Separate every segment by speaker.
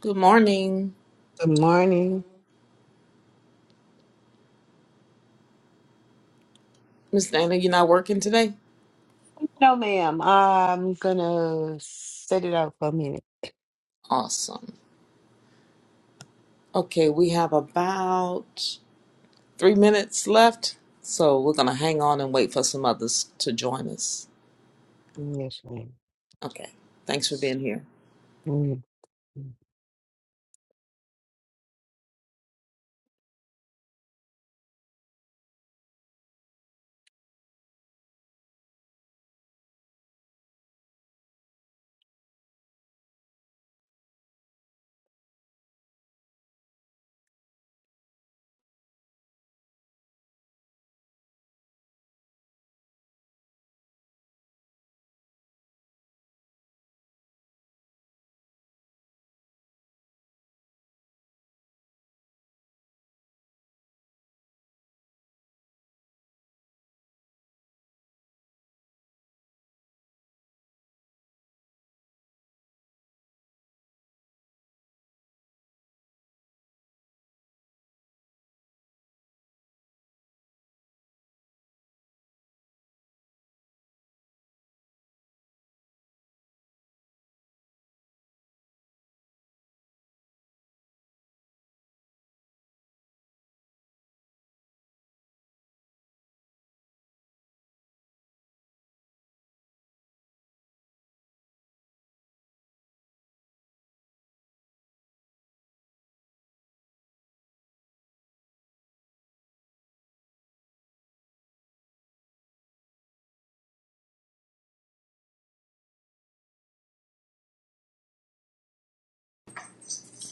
Speaker 1: Good morning,
Speaker 2: Good morning.
Speaker 1: Miss Dana. You're not working today?
Speaker 2: No, ma'am. I'm gonna set it out for a minute.
Speaker 1: Awesome. Okay, we have about three minutes left, so we're going to hang on and wait for some others to join us.
Speaker 2: Yes, madam
Speaker 1: Okay, thanks for being here.
Speaker 2: Mm-hmm.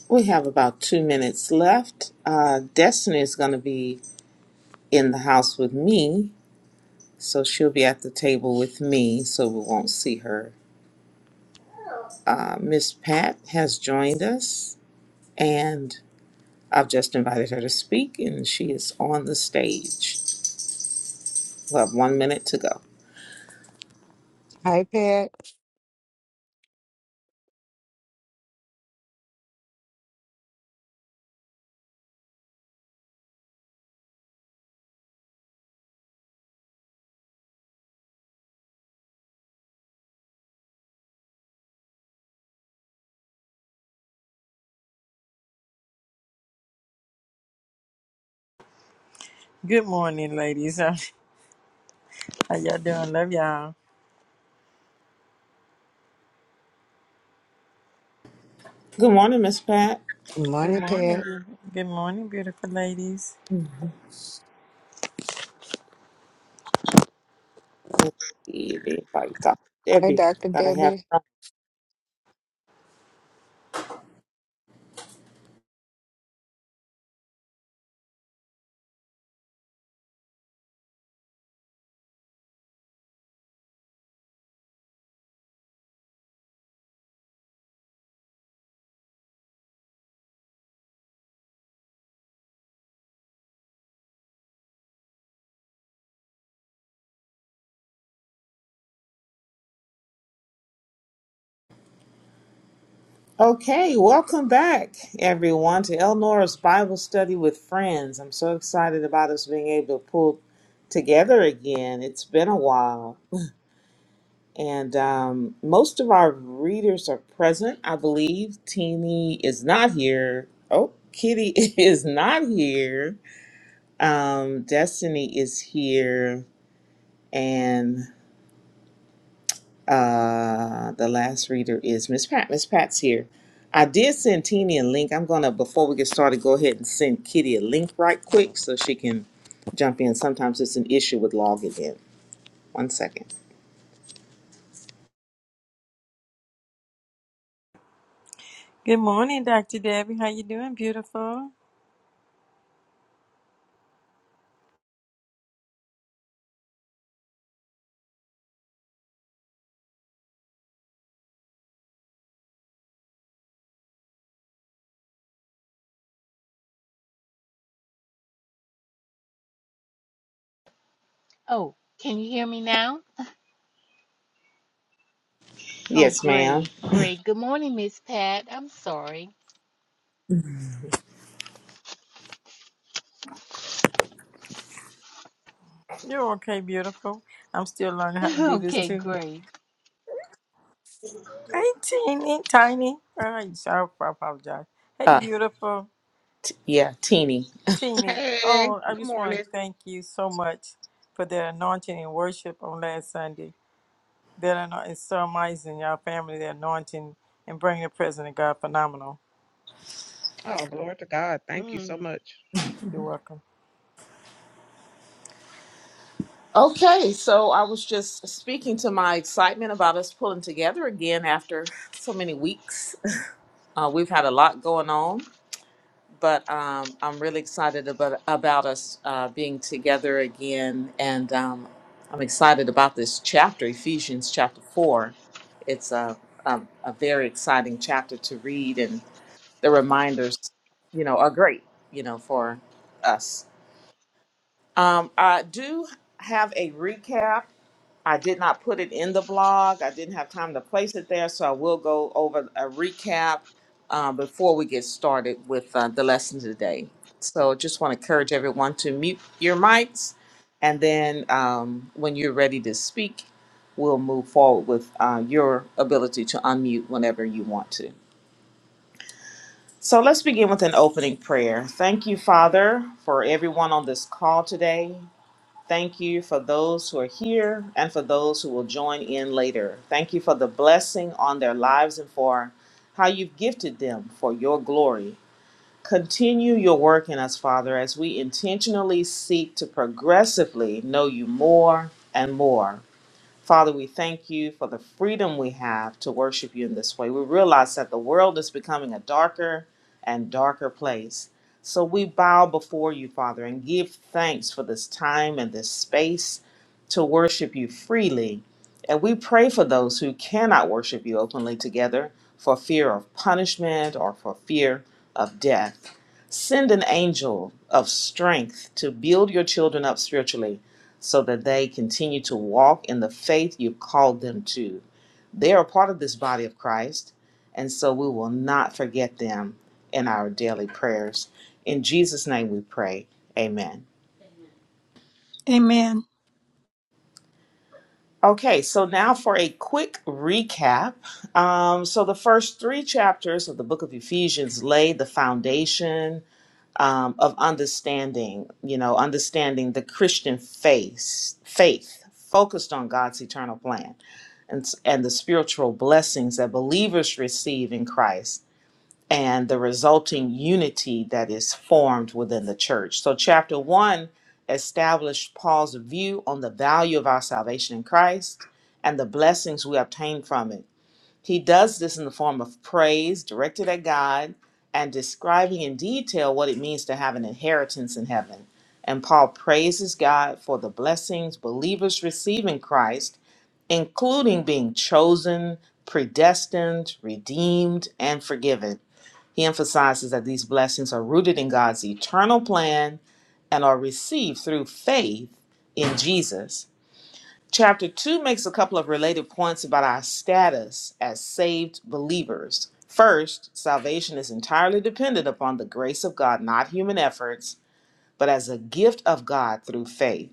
Speaker 1: We have about two minutes left. Uh, Destiny is going to be in the house with me, so she'll be at the table with me, so we won't see her. Uh, Miss Pat has joined us, and I've just invited her to speak, and she is on the stage. We have one minute to go.
Speaker 2: Hi, Pat.
Speaker 3: Good morning, ladies. How y'all doing? Love y'all.
Speaker 1: Good morning, Miss Pat.
Speaker 2: Good
Speaker 3: Good
Speaker 2: morning,
Speaker 3: morning.
Speaker 2: Pat.
Speaker 3: beautiful. Good morning, beautiful ladies.
Speaker 1: Let's see, everybody, Dr.
Speaker 2: Hi,
Speaker 1: Debbie,
Speaker 2: Dr.
Speaker 1: gotta have
Speaker 2: Debbie.
Speaker 1: her on. Okay, welcome back, everyone, to Elnora's Bible Study with Friends. I'm so excited about us being able to pull together again. It's been a while, and um, most of our readers are present, I believe. Teeny is not here. Oh, Kitty is not here. Um, Destiny is here, and Uh, the last reader is Miss Pat. Miss Pat's here. I did send Teeny a link. I'm gonna before we get started, go ahead and send Kitty a link right quick so she can jump in. Sometimes it's an issue with logging in. One second.
Speaker 3: Good morning, Dr. Debbie. How you doing, beautiful?
Speaker 4: Oh, can you hear me now? Oh,
Speaker 1: Yes, ma'am.
Speaker 4: great, great. Good morning, Miss Pat. I'm sorry.
Speaker 3: You're okay, beautiful. I'm still learning how to do this
Speaker 4: okay,
Speaker 3: too.
Speaker 4: great.
Speaker 3: Hey, teeny tiny. All right, so I I apologize. Hey,
Speaker 1: Uh,
Speaker 3: beautiful
Speaker 1: yeah, Teeny.
Speaker 3: teeny.
Speaker 5: Hey,
Speaker 3: Oh, I
Speaker 5: good
Speaker 3: just
Speaker 5: morning.
Speaker 3: want to thank you so much for the anointing and worship on last Sunday. That anointing is so amazing. Y'all family, the anointing and bringing the presence of God, phenomenal.
Speaker 5: Oh, glory to God. Thank you so
Speaker 4: Mm.
Speaker 5: much.
Speaker 3: You're welcome.
Speaker 1: Okay, so I was just speaking to my excitement about us pulling together again after so many weeks. Uh, we've had a lot going on. but um, I'm really excited about about us uh, being together again, and um, I'm excited about this chapter, Ephesians chapter four. It's a, a a very exciting chapter to read, and the reminders, you know, are great, you know, for us. Um, I do have a recap. I did not put it in the blog. I didn't have time to place it there, so I will go over a recap uh, before we get started with uh, the lesson today. So just want to encourage everyone to mute your mics, and then um, when you're ready to speak, we'll move forward with uh, your ability to unmute whenever you want to. So let's begin with an opening prayer. Thank you, Father, for everyone on this call today. Thank you for those who are here and for those who will join in later. Thank you for the blessing on their lives and for how you've gifted them for your glory. Continue your work in us, Father, as we intentionally seek to progressively know you more and more. Father, we thank you for the freedom we have to worship you in this way. We realize that the world is becoming a darker and darker place. So we bow before you, Father, and give thanks for this time and this space to worship you freely. And we pray for those who cannot worship you openly together for fear of punishment or for fear of death. Send an angel of strength to build your children up spiritually so that they continue to walk in the faith you've called them to. They are part of this body of Christ, and so we will not forget them in our daily prayers. In Jesus' name we pray. Amen.
Speaker 6: Amen.
Speaker 1: Okay, so now for a quick recap. Um, so the first three chapters of the book of Ephesians lay the foundation um, of understanding, you know, understanding the Christian faith, faith focused on God's eternal plan and, s- and the spiritual blessings that believers receive in Christ and the resulting unity that is formed within the church. So, chapter one established Paul's view on the value of our salvation in Christ and the blessings we obtain from it he does this in the form of praise directed at God and describing in detail what it means to have an inheritance in heaven. And Paul praises God for the blessings believers receive in Christ, including being chosen, predestined, redeemed, and forgiven. He emphasizes that these blessings are rooted in God's eternal plan and are received through faith in Jesus. Chapter 2 makes a couple of related points about our status as saved believers. First, salvation is entirely dependent upon the grace of God, not human efforts, but as a gift of God through faith.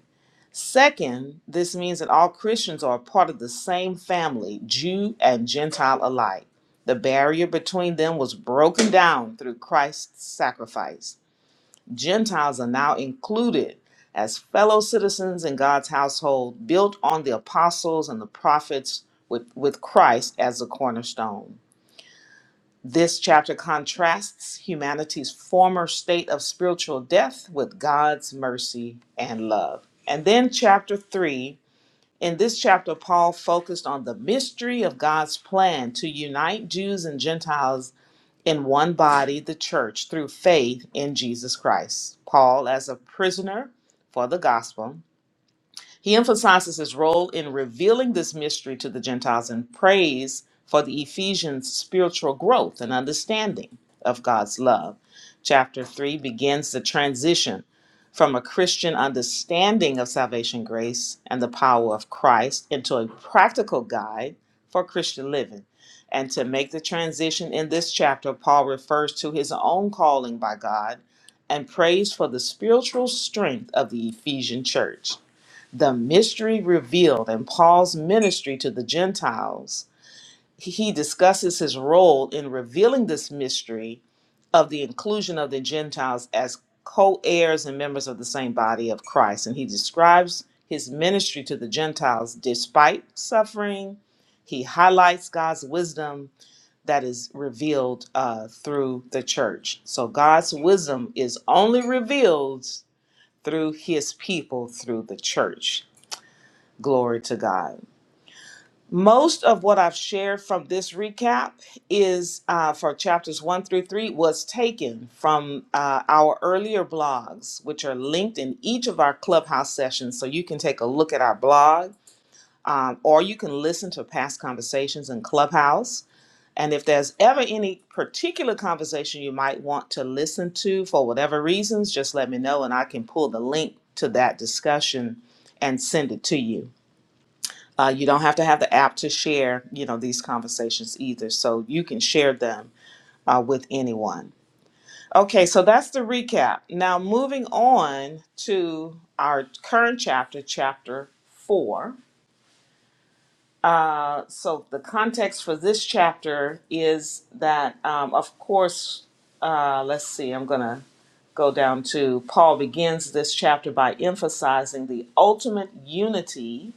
Speaker 1: Second, this means that all Christians are a part of the same family, Jew and Gentile alike. The barrier between them was broken down through Christ's sacrifice. Gentiles are now included as fellow citizens in God's household, built on the apostles and the prophets with, with Christ as the cornerstone. This chapter contrasts humanity's former state of spiritual death with God's mercy and love. And then, chapter three. In this chapter, Paul focused on the mystery of God's plan to unite Jews and Gentiles in one body, the church, through faith in Jesus Christ. Paul, as a prisoner for the gospel, he emphasizes his role in revealing this mystery to the Gentiles and prays for the Ephesians' spiritual growth and understanding of God's love. Chapter 3 begins the transition from a Christian understanding of salvation grace and the power of Christ into a practical guide for Christian living. And to make the transition in this chapter, Paul refers to his own calling by God and prays for the spiritual strength of the Ephesian church the mystery revealed in Paul's ministry to the Gentiles, he discusses his role in revealing this mystery of the inclusion of the Gentiles as co heirs and members of the same body of Christ. And he describes his ministry to the Gentiles despite suffering. He highlights God's wisdom that is revealed uh, through the church. So God's wisdom is only revealed through his people, through the church. Glory to God. Most of what I've shared from this recap is uh, for chapters one through three was taken from uh, our earlier blogs, which are linked in each of our clubhouse sessions. So you can take a look at our blog, um, or you can listen to past conversations in clubhouse. And if there's ever any particular conversation you might want to listen to for whatever reasons, just let me know and I can pull the link to that discussion and send it to you. Uh, you don't have to have the app to share, you know, these conversations either. So you can share them uh, with anyone. Okay, so that's the recap. Now moving on to our current chapter, chapter four. Uh, so the context for this chapter is that, um, of course, uh, let's see, I'm going to go down to Paul begins this chapter by emphasizing the ultimate unity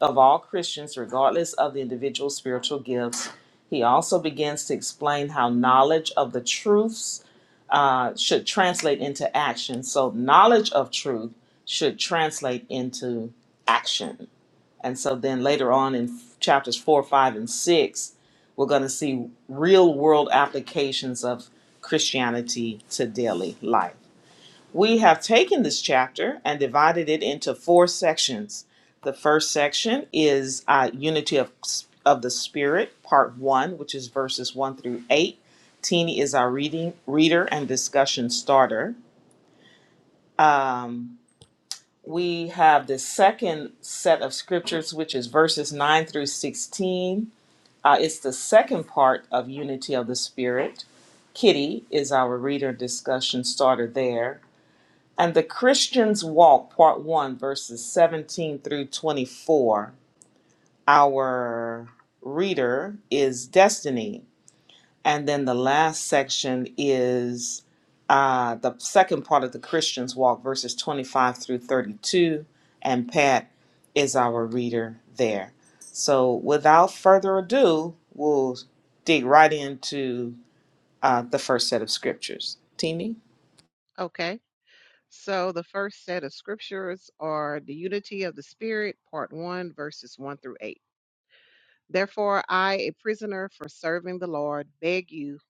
Speaker 1: of all Christians, regardless of the individual spiritual gifts. He also begins to explain how knowledge of the truths uh, should translate into action. So, knowledge of truth should translate into action and so then later on in chapters four, five, and six, we're going to see real world applications of Christianity to daily life. We have taken this chapter and divided it into four sections. The first section is uh, Unity of, of the Spirit, part one, which is verses one through eight. Teeny is our reading reader and discussion starter. Um, we have the second set of scriptures, which is verses 9 through 16 Uh, it's the second part of Unity of the Spirit. Kitty is our reader discussion starter there. And the Christian's Walk, Part 1, verses 17 through 24. Our reader is Destiny, and then the last section is uh, the second part of the Christian's Walk, verses 25 through 32. And Pat is our reader there. So without further ado, we'll dig right into uh, the first set of scriptures. Tini?
Speaker 5: Okay. So the first set of scriptures are the unity of the spirit, part 1, verses 1 through 8. Therefore, I, a prisoner for serving the Lord, beg you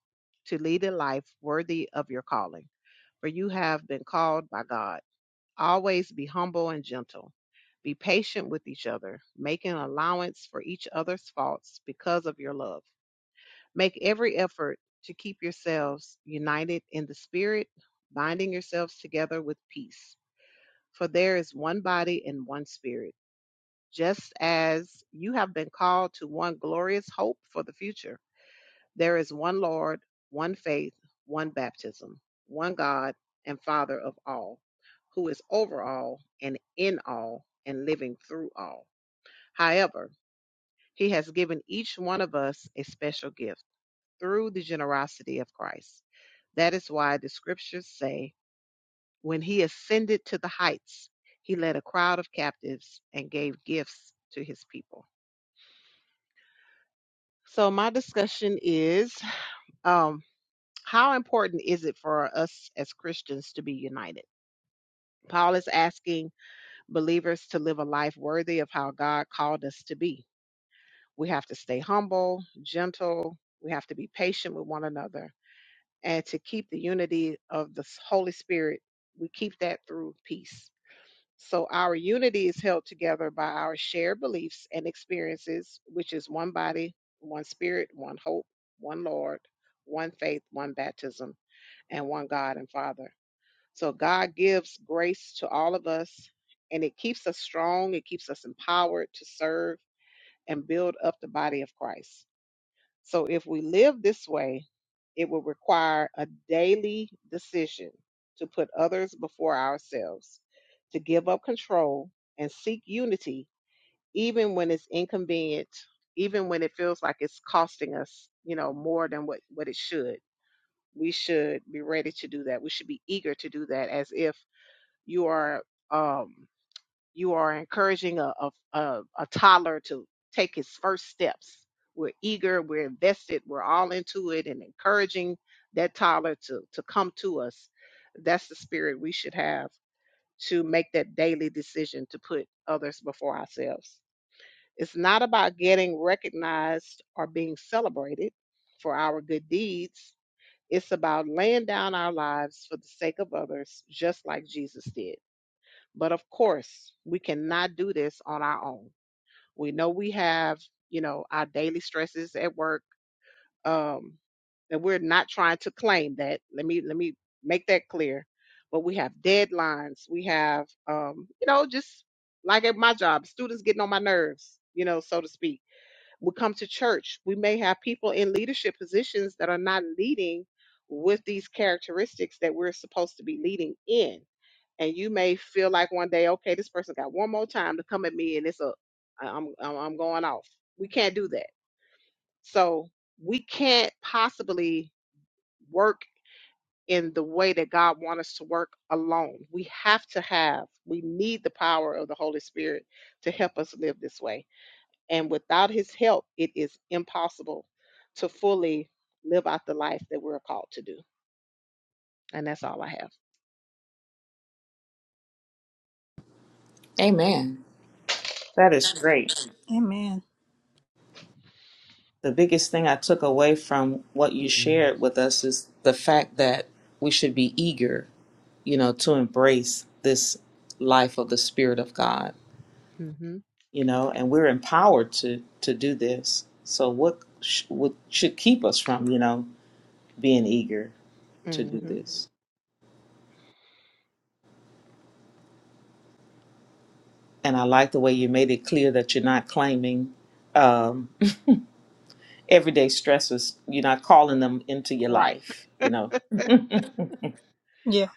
Speaker 5: to lead a life worthy of your calling, for you have been called by God. Always be humble and gentle. Be patient with each other, making allowance for each other's faults because of your love. Make every effort to keep yourselves united in the Spirit, binding yourselves together with peace. For there is one body and one Spirit, just as you have been called to one glorious hope for the future. There is one Lord, one faith, one baptism, one God and Father of all, who is over all and in all and living through all. However, He has given each one of us a special gift through the generosity of Christ. That is why the scriptures say, when he ascended to the heights, he led a crowd of captives and gave gifts to his people. So, my discussion is um, how important is it for us as Christians to be united? Paul is asking believers to live a life worthy of how God called us to be. We have to stay humble, gentle, we have to be patient with one another and to keep the unity of the Holy Spirit, we keep that through peace. So our unity is held together by our shared beliefs and experiences, which is one body, one spirit, one hope, one Lord, one faith, one baptism, and one God and Father. So God gives grace to all of us, and it keeps us strong, it keeps us empowered to serve and build up the body of Christ. So if we live this way, it will require a daily decision to put others before ourselves, to give up control and seek unity, even when it's inconvenient, even when it feels like it's costing us, you know, more than what, what it should. We should be ready to do that. We should be eager to do that as if you are um you are encouraging a, a, a, a toddler to take his first steps. We're eager, we're invested, we're all into it and encouraging that toddler to, to come to us. That's the spirit we should have to make that daily decision to put others before ourselves. It's not about getting recognized or being celebrated for our good deeds. It's about laying down our lives for the sake of others, just like Jesus did. But of course, we cannot do this on our own. We know we have, you know, our daily stresses at work. Um, and we're not trying to claim that. Let me let me make that clear. But we have deadlines. We have, um, you know, just like at my job, students getting on my nerves, you know, so to speak we come to church we may have people in leadership positions that are not leading with these characteristics that we're supposed to be leading in and you may feel like one day okay this person got one more time to come at me and it's a I- i'm i'm I'm going off we can't do that so we can't possibly work in the way that god wants us to work alone we have to have we need the power of the holy spirit to help us live this way and without his help, it is impossible to fully live out the life that we're called to do. And that's all I have.
Speaker 1: Amen. That is great.
Speaker 6: Amen.
Speaker 1: The biggest thing I took away from what you shared with us is the fact that we should be eager, you know, to embrace this life of the Spirit of God
Speaker 5: hmm
Speaker 1: you know, and we're empowered to to do this. So what sh- what should keep us from, you know, being eager to do
Speaker 5: hmm
Speaker 1: this? And I like the way you made it clear that you're not claiming um, everyday stresses. You're not calling them into your
Speaker 5: Right.
Speaker 1: life, you know,
Speaker 6: Yeah.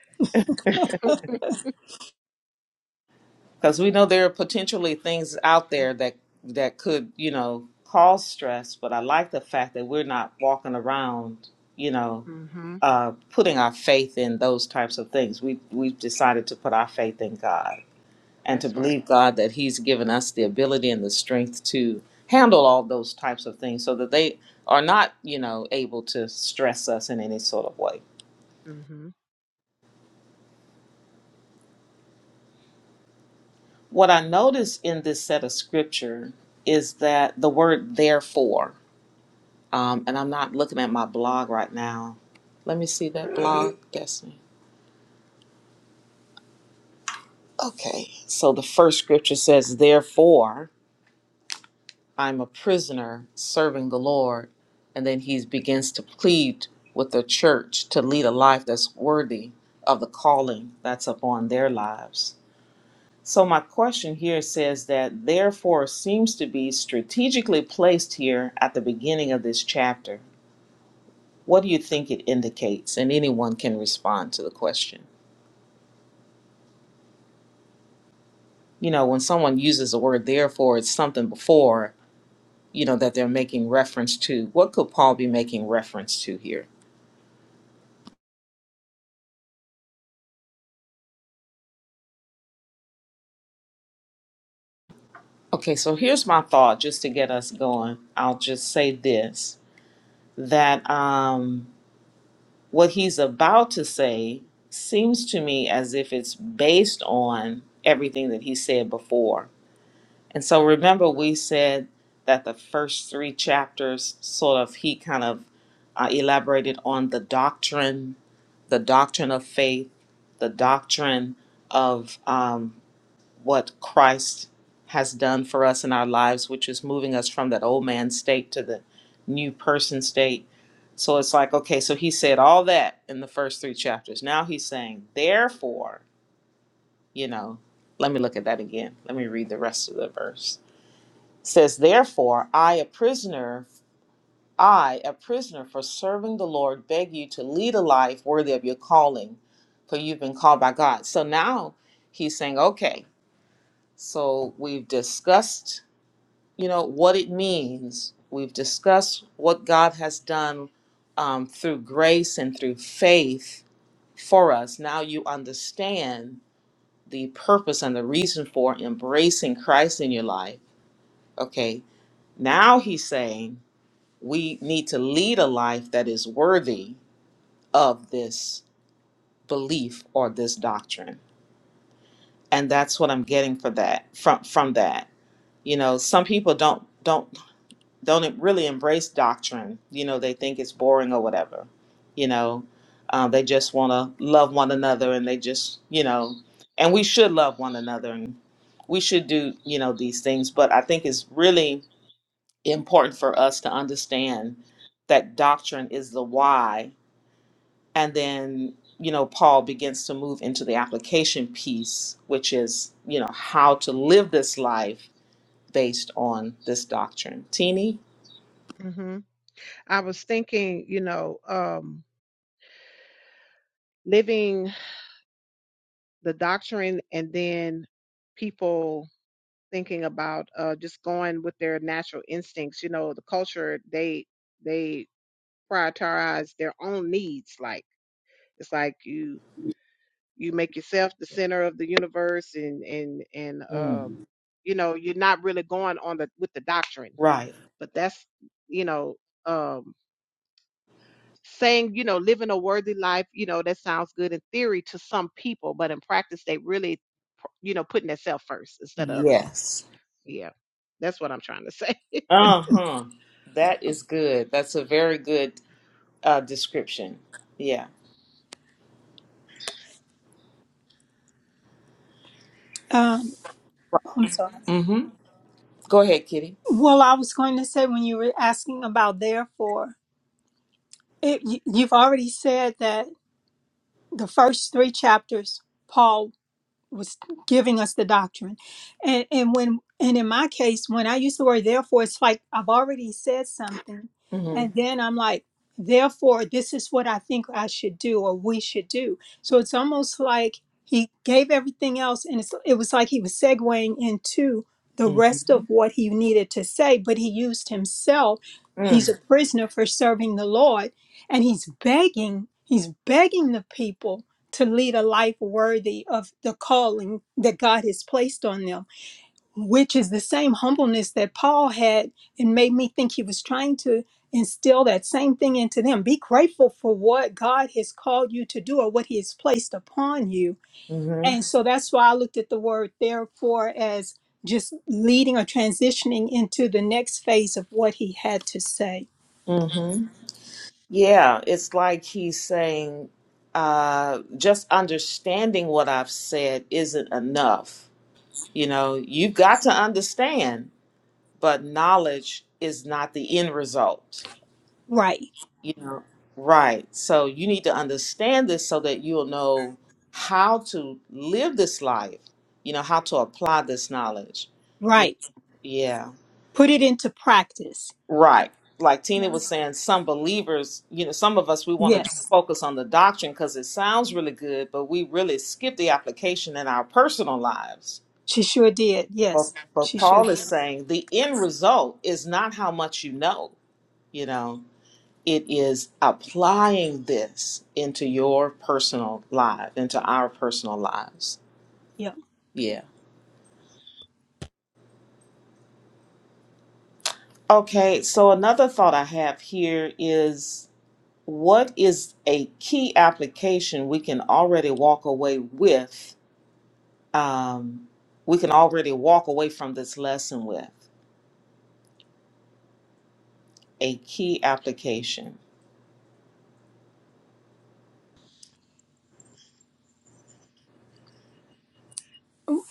Speaker 1: because we know there are potentially things out there that that could, you know, cause stress. But I like the fact that we're not walking around, you know.
Speaker 5: hmm
Speaker 1: uh, putting our faith in those types of things. We we've decided to put our faith in God and to
Speaker 5: That's right.
Speaker 1: believe God that He's given us the ability and the strength to handle all those types of things, so that they are not, you know, able to stress us in any sort of way.
Speaker 5: hmm
Speaker 1: What I notice in this set of scripture is that the word therefore, um, and I'm not looking at my blog right now. Let me see that blog, Destiny. Okay, so the first scripture says, therefore. I'm a prisoner serving the Lord. And then he begins to plead with the church to lead a life that's worthy of the calling that's upon their lives. So, my question here says that therefore seems to be strategically placed here at the beginning of this chapter. What do you think it indicates? And anyone can respond to the question. You know, when someone uses the word therefore, it's something before, you know, that they're making reference to. What could Paul be making reference to here? Okay, so here's my thought just to get us going. I'll just say this that um, what he's about to say seems to me as if it's based on everything that he said before. And so remember, we said that the first three chapters sort of he kind of uh, elaborated on the doctrine, the doctrine of faith, the doctrine of um, what Christ has done for us in our lives, which is moving us from that old man state to the new person state. So it's like, okay, so he said all that in the first three chapters. Now he's saying, therefore, you know, let me look at that again. Let me read the rest of the verse. It says, therefore, I, a prisoner, I, a prisoner for serving the Lord, beg you to lead a life worthy of your calling, for you've been called by God. So now he's saying, okay, so we've discussed you know what it means. We've discussed what God has done um, through grace and through faith for us. Now you understand the purpose and the reason for embracing Christ in your life. Okay, now He's saying we need to lead a life that is worthy of this belief or this doctrine, and that's what I'm getting for that from from that. You know, some people don't don't don't really embrace doctrine. You know, they think it's boring or whatever. You know, um, they just want to love one another and they just, you know, and we should love one another and we should do, you know, these things. But I think it's really important for us to understand that doctrine is the why. And then, you know, Paul begins to move into the application piece, which is, you know, how to live this life based on this doctrine. Teeny?
Speaker 5: hmm I was thinking, you know, um, living the doctrine and then people thinking about uh, just going with their natural instincts. You know, the culture, they, they prioritize their own needs. Like, it's like you you make yourself the center of the universe and and and um
Speaker 1: Mm.
Speaker 5: you know you're not really going on the with the doctrine
Speaker 1: Right.
Speaker 5: but that's you know um saying you know living a worthy life you know that sounds good in theory to some people but in practice they really you know putting themselves first instead of other people
Speaker 1: Yes.
Speaker 5: yeah that's what i'm trying to say
Speaker 1: Uh huh. That is good. That's a very good uh, description. Yeah.
Speaker 6: Um, I'm sorry.
Speaker 1: Mm-hmm. Go ahead, Kitty.
Speaker 6: Well, I was going to say when you were asking about therefore, it, you, you've already said that the first three chapters, Paul was giving us the doctrine. And and when and in my case, when I use the word therefore, it's like I've already said something, and
Speaker 1: Mm-hmm.
Speaker 6: then I'm like, therefore, this is what I think I should do or we should do. So it's almost like he gave everything else, and it's, it was like he was segueing into the rest of
Speaker 1: Mm-hmm.
Speaker 6: what he needed to say, but he used himself. He's a prisoner for serving the Lord, and he's begging. He's begging the people to lead a life worthy of the calling that God has placed on them, which is the same humbleness that Paul had and made me think he was trying to instill that same thing into them. Be grateful for what God has called you to do or what he has placed upon you.
Speaker 1: Mm-hmm.
Speaker 6: And so that's why I looked at the word therefore as just leading or transitioning into the next phase of what he had to say.
Speaker 1: Mm-hmm. Yeah, it's like he's saying, uh, just understanding what I've said isn't enough. You know, you've got to understand, but knowledge is not the end result.
Speaker 6: Right,
Speaker 1: You know, right. So you need to understand this so that you'll know how to live this life, you know, how to apply this knowledge. You
Speaker 6: right.
Speaker 1: yeah,
Speaker 6: Put it into practice.
Speaker 1: right. Like Tina
Speaker 6: Yeah.
Speaker 1: was saying, some believers, you know, some of us, we want to
Speaker 6: Yes.
Speaker 1: focus on the doctrine because it sounds really good, but we really skip the application in our personal lives.
Speaker 6: She sure did.
Speaker 1: But,
Speaker 6: Yes,
Speaker 1: but
Speaker 6: she sure
Speaker 1: Paul is
Speaker 6: did.
Speaker 1: saying the end result is not how much you know, you know. it is applying this into your personal life, into our personal lives.
Speaker 6: Yeah.
Speaker 1: Yeah. Okay, so another thought I have here is what is a key application we can already walk away with? Um, we can already walk away from this lesson with a key application.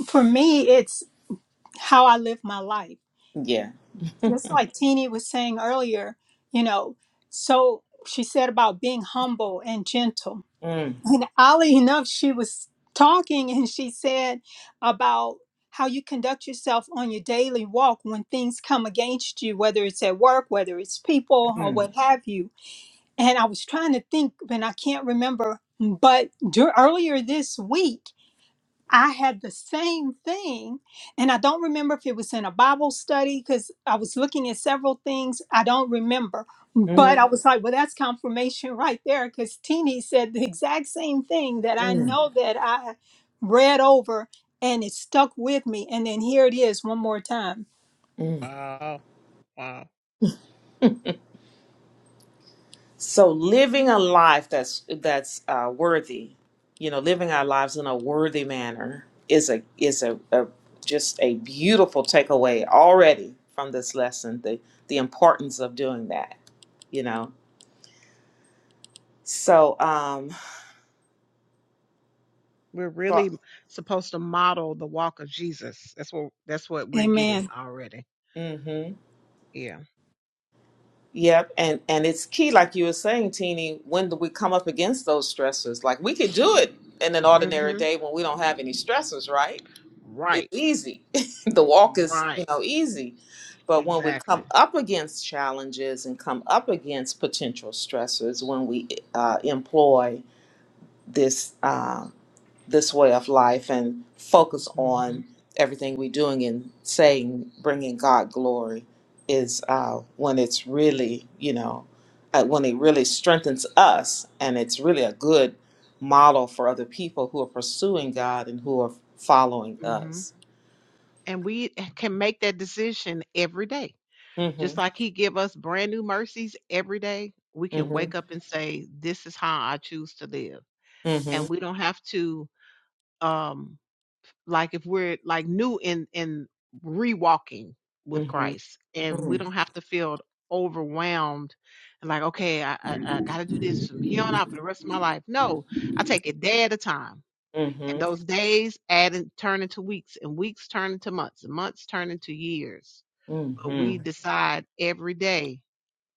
Speaker 6: For me, it's how I live my life.
Speaker 1: Yeah.
Speaker 6: Just like Teeny was saying earlier, you know, so she said about being humble and gentle.
Speaker 1: Mm,
Speaker 6: And oddly enough, she was talking and she said about how you conduct yourself on your daily walk when things come against you, whether it's at work, whether it's people, or
Speaker 1: mm,
Speaker 6: what have you. And I was trying to think, and I can't remember, but dur- earlier this week, I had the same thing, and I don't remember if it was in a Bible study because I was looking at several things. I don't remember, but
Speaker 1: mhm,
Speaker 6: I was like, well, that's confirmation right there because Teeny said the exact same thing that I
Speaker 1: mm,
Speaker 6: know that I read over and it stuck with me. And then here it is one more time.
Speaker 1: mm.
Speaker 5: Wow, wow.
Speaker 1: So living a life that's that's uh, worthy, you know, living our lives in a worthy manner is a is a, a just a beautiful takeaway already from this lesson. The the importance of doing that, you know. So um,
Speaker 5: We're
Speaker 1: so
Speaker 5: really supposed to model the walk of Jesus. That's what that's what we're getting
Speaker 6: Amen.
Speaker 5: already.
Speaker 1: mm-hmm,
Speaker 5: Yeah.
Speaker 1: yep, and and it's key, like you were saying, Teeny, when do we come up against those stressors? Like we could do it in an ordinary
Speaker 5: Mm-hmm.
Speaker 1: day when we don't have any stressors, right? It's
Speaker 5: Right.
Speaker 1: easy. the walk is, you
Speaker 5: Right.
Speaker 1: know, easy. But when we
Speaker 5: Exactly.
Speaker 1: come up against challenges and come up against potential stressors, when we uh, employ this uh, this way of life and focus
Speaker 5: Mm-hmm.
Speaker 1: on everything we're doing and saying, bringing God glory, is uh, when it's really, you know, uh, when it really strengthens us, and it's really a good model for other people who are pursuing God and who are following
Speaker 5: Mm-hmm.
Speaker 1: us.
Speaker 5: And we can make that decision every day.
Speaker 1: Mm-hmm.
Speaker 5: Just like he give us brand new mercies every day, we can
Speaker 1: Mhm.
Speaker 5: wake up and say, this is how I choose to live. And
Speaker 1: Mhm.
Speaker 5: we don't have to, um, like if we're like new in, in rewalking with
Speaker 1: Mhm.
Speaker 5: Christ and we
Speaker 1: Mhm.
Speaker 5: don't have to feel overwhelmed and like, okay, I, I, I got to do this from here on out for the rest of my life. No, I take it day at a time. And
Speaker 1: Mhm.
Speaker 5: those days add and turn into weeks and weeks turn into months and months turn into years. But we
Speaker 1: Mhm.
Speaker 5: decide every day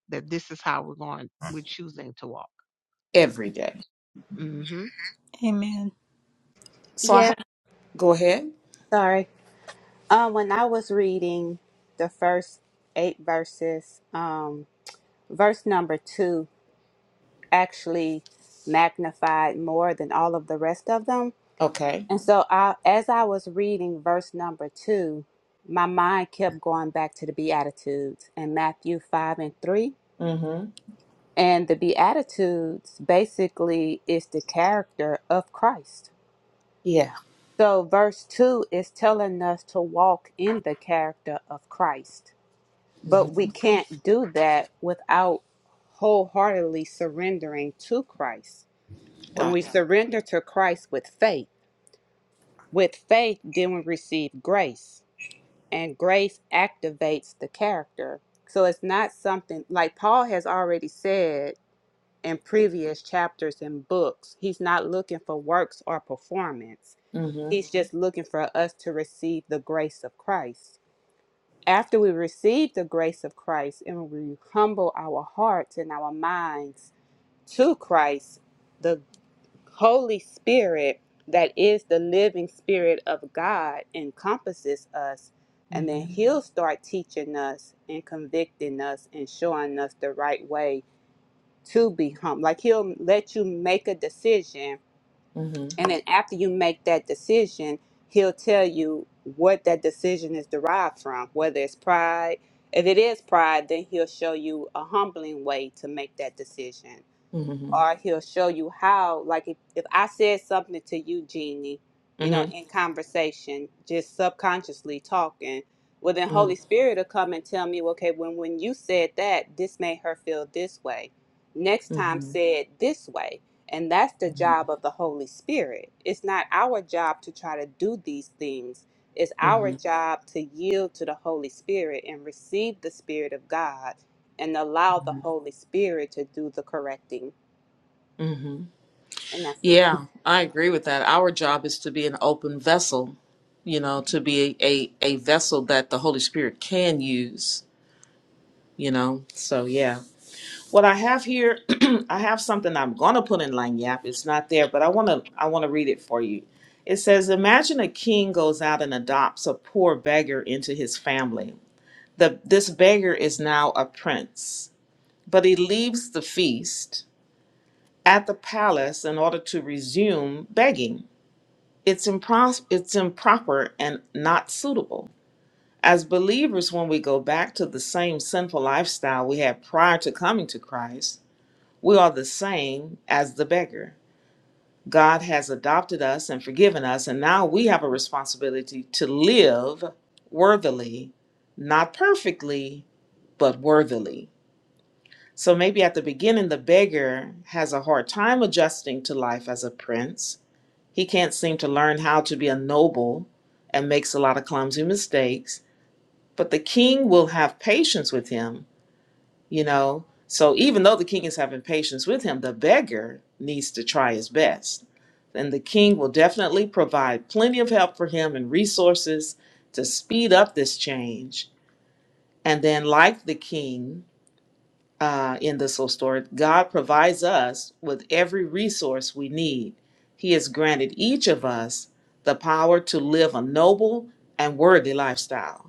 Speaker 5: that this is how we're going we're choosing to walk
Speaker 1: Every day.
Speaker 5: hmm
Speaker 6: Amen.
Speaker 1: So I
Speaker 7: Yeah,
Speaker 1: have. Go ahead.
Speaker 7: sorry. Um, when I was reading the first eight verses, um, verse number two actually magnified more than all of the rest of them.
Speaker 1: Okay.
Speaker 7: And so, I, as I was reading verse number two, my mind kept going back to the Beatitudes in Matthew 5 and 3.
Speaker 1: Mhm.
Speaker 7: And the Beatitudes basically is the character of Christ.
Speaker 1: Yeah.
Speaker 7: So, verse 2 is telling us to walk in the character of Christ.
Speaker 1: Mhm.
Speaker 7: But we can't do that without wholeheartedly surrendering to Christ. And
Speaker 1: Right.
Speaker 7: we surrender to Christ with faith. With faith, then we receive grace. And grace activates the character. So it's not something like Paul has already said in previous chapters and books. He's not looking for works or performance,
Speaker 1: Mhm.
Speaker 7: he's just looking for us to receive the grace of Christ. after we receive the grace of Christ and we humble our hearts and our minds to Christ, the Holy Spirit, that is the living Spirit of God, encompasses us. And then
Speaker 1: Mhm.
Speaker 7: He'll start teaching us and convicting us and showing us the right way to be humble. Like He'll let you make a decision
Speaker 1: Mhm.
Speaker 7: and then after you make that decision, he'll tell you what that decision is derived from, whether it's pride. If it is pride, then he'll show you a humbling way to make that decision
Speaker 1: Mhm.
Speaker 7: or he'll show you how like if, if i said something to you jeannie you know
Speaker 1: Mhm.
Speaker 7: in conversation just subconsciously talking well then holy spirit will come and tell me okay when when you said that this made her feel this way next time
Speaker 1: Mhm.
Speaker 7: say it this way and that's the
Speaker 1: Mhm.
Speaker 7: job of the holy spirit it's not our job to try to do these things it's our
Speaker 1: Mhm.
Speaker 7: job to yield to the holy spirit and receive the spirit of god and allow the holy spirit to do the correcting
Speaker 1: Mhm.
Speaker 7: and that's it.
Speaker 1: Yeah, I agree with that. Our job is to be an open vessel, you know, to be a, a, a vessel that the Holy Spirit can use, you know. So yeah. What I have here, I have something I'm gonna put in line yap. It's not there, but I wanna I wanna read it for you. It says, Imagine a king goes out and adopts a poor beggar into his family. The this beggar is now a prince, but he leaves the feast at the palace in order to resume begging. It's impros- it's improper and not suitable. As believers, when we go back to the same sinful lifestyle we had prior to coming to Christ, we are the same as the beggar. God has adopted us and forgiven us, and now we have a responsibility to live worthily, not perfectly, but worthily. So maybe at the beginning, the beggar has a hard time adjusting to life as a prince. He can't seem to learn how to be a noble and makes a lot of clumsy mistakes. But the king will have patience with him you know so even though the king is having patience with him the beggar needs to try his best and the king will definitely provide plenty of help for him and resources to speed up this change and then like the king uh, in this little story god provides us with every resource we need he has granted each of us the power to live a noble and worthy lifestyle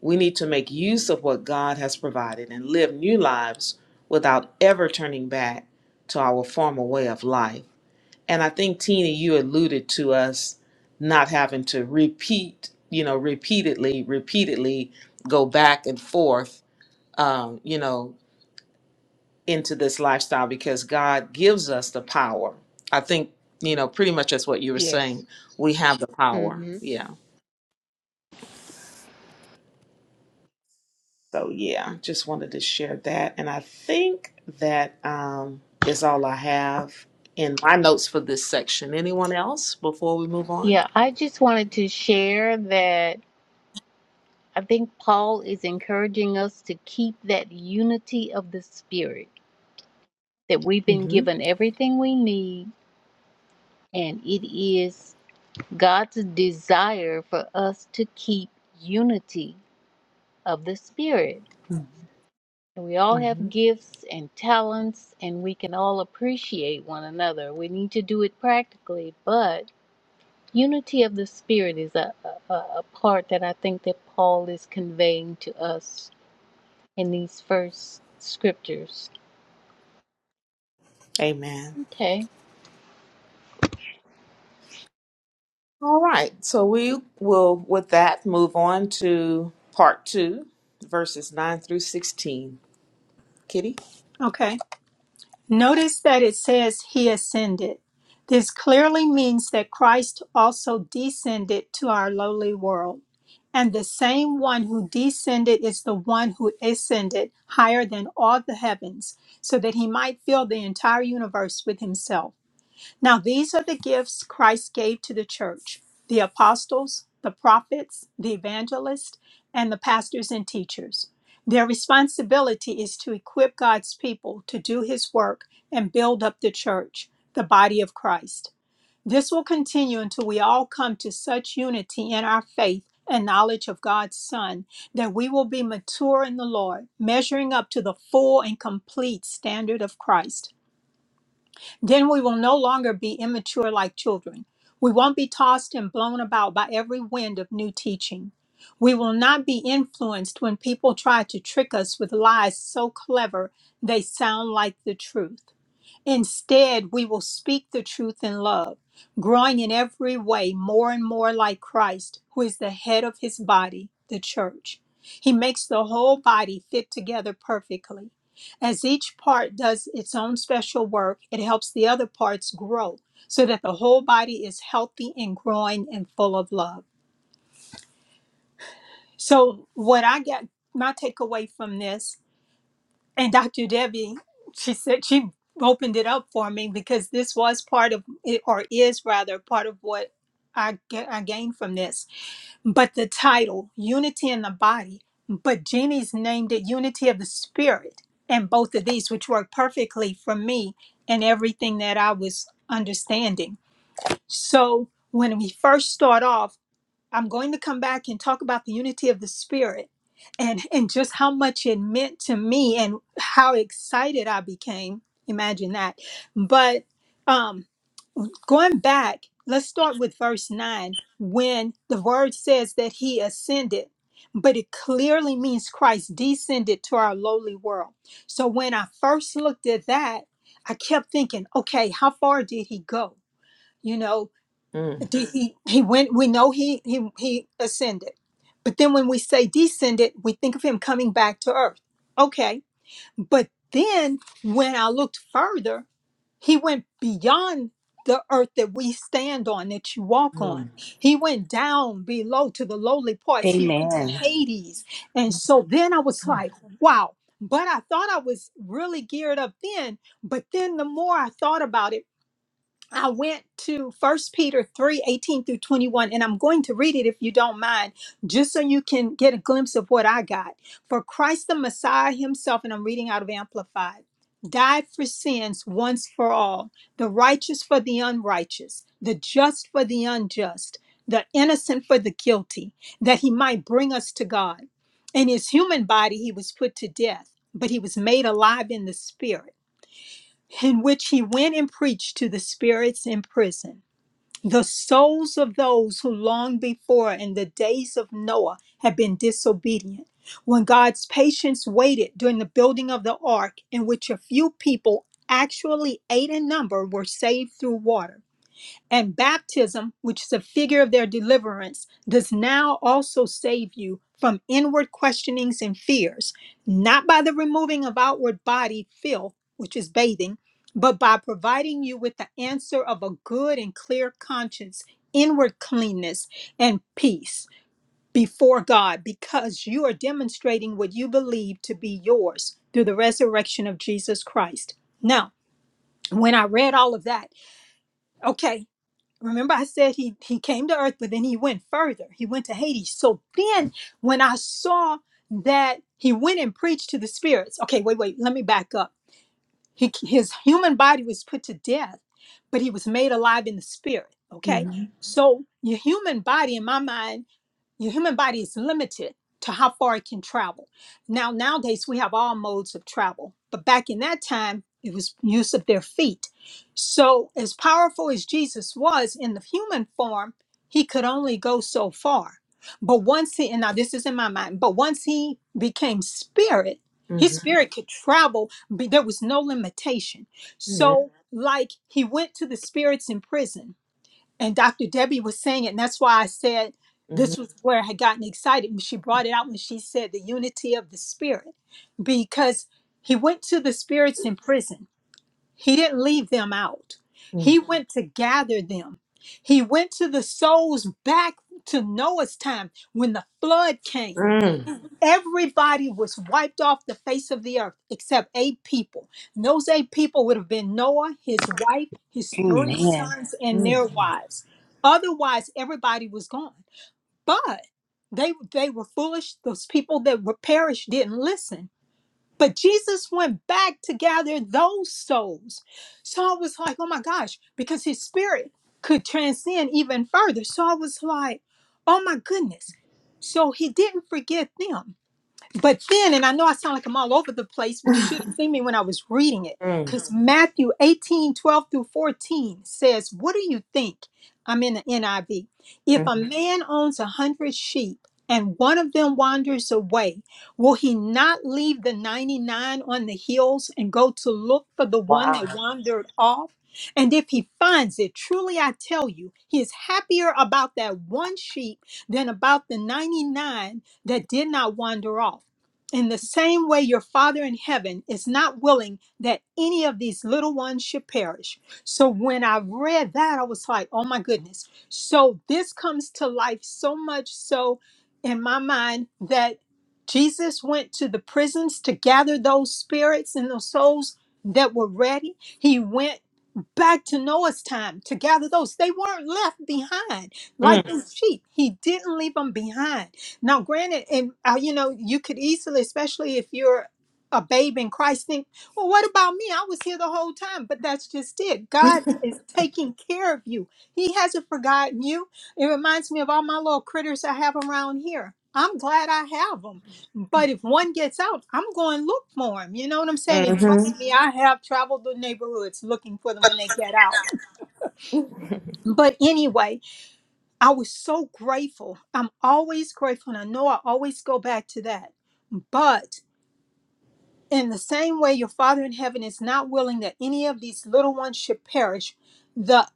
Speaker 1: we need to make use of what God has provided and live new lives without ever turning back to our former way of life. And I think Tina, you alluded to us not having to repeat, you know, repeatedly, repeatedly go back and forth, um, you know, into this lifestyle because God gives us the power. I think, you know, pretty much that's what you were
Speaker 5: yes
Speaker 1: saying. We have the power.
Speaker 5: hmm
Speaker 1: Yeah. So yeah, just wanted to share that. And I think that um, is all I have in my notes for this section. Anyone else before we move on?
Speaker 4: Yeah, I just wanted to share that I think Paul is encouraging us to keep that unity of the Spirit, that we've been
Speaker 1: hmm
Speaker 4: given everything we need, and it is God's desire for us to keep unity of the Spirit. And we all
Speaker 1: hmm
Speaker 4: have gifts and talents, and we can all appreciate one another. We need to do it practically, but unity of the spirit is a, a, a part that I think that Paul is conveying to us in these first scriptures.
Speaker 1: Amen.
Speaker 4: Okay.
Speaker 1: All right. So we will, with that, move on to part two, verses nine through sixteen. Kitty.
Speaker 6: Okay. Notice that it says he ascended. This clearly means that Christ also descended to our lowly world. And the same one who descended is the one who ascended higher than all the heavens, so that he might fill the entire universe with himself. Now, these are the gifts Christ gave to the church the apostles, the prophets, the evangelists, and the pastors and teachers. Their responsibility is to equip God's people to do his work and build up the church, the body of Christ. This will continue until we all come to such unity in our faith and knowledge of God's Son that we will be mature in the Lord, measuring up to the full and complete standard of Christ. Then we will no longer be immature like children. We won't be tossed and blown about by every wind of new teaching. We will not be influenced when people try to trick us with lies so clever they sound like the truth. Instead, we will speak the truth in love, growing in every way more and more like Christ, who is the head of his body, the church. He makes the whole body fit together perfectly. As each part does its own special work, it helps the other parts grow so that the whole body is healthy and growing and full of love. So, what I get, my takeaway from this and Dr. Debbie, she said she opened it up for me because this was part of it, or is rather part of what I, ga- I gained from this. But the title, Unity in the Body, but Jeannie's named it Unity of the Spirit. And both of these, which work perfectly for me and everything that I was understanding. So when we first start off, I'm going to come back and talk about the unity of the spirit and and just how much it meant to me and how excited I became. Imagine that. But um going back, let's start with verse 9 when the word says that he ascended but it clearly means Christ descended to our lowly world. So when I first looked at that, I kept thinking, okay, how far did he go? You know,
Speaker 1: Mm.
Speaker 6: De- he he went we know he he he ascended but then when we say descended we think of him coming back to earth okay but then when i looked further he went beyond the earth that we stand on that you walk on
Speaker 1: Mm.
Speaker 6: he went down below to the lowly parts he went to
Speaker 4: Amen.
Speaker 6: hades and so then i was
Speaker 1: Mm.
Speaker 6: like wow but i thought i was really geared up then but then the more i thought about it I went to First Peter 3 18 through 21, and I'm going to read it if you don't mind, just so you can get a glimpse of what I got. For Christ the Messiah himself, and I'm reading out of Amplified, died for sins once for all, the righteous for the unrighteous, the just for the unjust, the innocent for the guilty, that he might bring us to God. In his human body, he was put to death, but he was made alive in the spirit in which he went and preached to the spirits in prison, the souls of those who long before in the days of Noah had been disobedient. When God's patience waited during the building of the ark, in which a few people, actually eight in number, were saved through water. And baptism, which is a figure of their deliverance, does now also save you from inward questionings and fears, not by the removing of outward body filth, which is bathing, but by providing you with the answer of a good and clear conscience, inward cleanness, and peace before God, because you are demonstrating what you believe to be yours through the resurrection of Jesus Christ. Now, when I read all of that, okay, Remember, I said he he came to Earth, but then he went further. He went to Hades. So then, when I saw that he went and preached to the spirits, okay, wait, wait, let me back up. He, his human body was put to death, but he was made alive in the spirit. Okay,
Speaker 1: Mhm.
Speaker 6: so your human body, in my mind your human body is limited to how far it can travel. Now, nowadays, we have all modes of travel, but back in that time, it was use of their feet. So, as powerful as Jesus was in the human form, he could only go so far. But once he, and now this is in my mind, but once he became spirit, his
Speaker 1: Mhm.
Speaker 6: spirit could travel, but there was no limitation. So, like he went to the spirits in prison, and Dr. Debbie was saying it, and that's why I said this
Speaker 1: Mhm.
Speaker 6: was where I had gotten excited. when She brought it out when she said the unity of the spirit, because he went to the spirits in prison he didn't leave them out.
Speaker 1: Mhm.
Speaker 6: He went to gather them. He went to the souls back to Noah's time when the flood came.
Speaker 1: Mm.
Speaker 6: Everybody was wiped off the face of the earth except eight people. And those eight people would have been Noah, his wife, his three
Speaker 4: Amen.
Speaker 6: sons, and their
Speaker 1: Mhm.
Speaker 6: wives. Otherwise, everybody was gone. But they they were foolish. Those people that were perished didn't listen but Jesus went back to gather those souls. So I was like, oh my gosh, because his spirit could transcend even further. So I was like, oh my goodness. So he didn't forget them. But then, and I know I sound like I'm all over the place, but you should have seen me when I was reading it.
Speaker 1: Mm.
Speaker 6: Because Matthew 18 12 through 14 says, What do you think? I'm in the NIV.
Speaker 1: Mhm.
Speaker 6: If
Speaker 1: Mm.
Speaker 6: a man owns a hundred sheep and one of them wanders away, will he not leave the 99 on the hills and go to look for the one that
Speaker 4: Wow.
Speaker 6: wandered off? And if he finds it, truly I tell you, he is happier about that one sheep than about the 99 that did not wander off. In the same way, your Father in heaven is not willing that any of these little ones should perish. So when I read that, I was like, oh my goodness. So this comes to life so much so in my mind that Jesus went to the prisons to gather those spirits and those souls that were ready. He went back to Noah's time to gather those. They weren't left behind
Speaker 1: Mm.
Speaker 6: like
Speaker 1: Mm.
Speaker 6: these Mhm. sheep. He didn't leave them behind. Now, granted, and uh, you know, you could easily, especially if you're a babe in Christ, think, well, what about me? I was here the whole time. But that's just it. God is taking care of you. He hasn't forgotten you. It reminds me of all my little critters I have around here. I'm glad I have them but if one gets out, I'm going to look for him. You know what I'm saying? And trust
Speaker 1: Mhm.
Speaker 6: me, I have traveled the neighborhoods looking for them when they get out. But anyway, I was so grateful. I'm always grateful. And I know I always go back to that. But. In the same way, your Father in heaven is not willing that any of these little ones should perish. The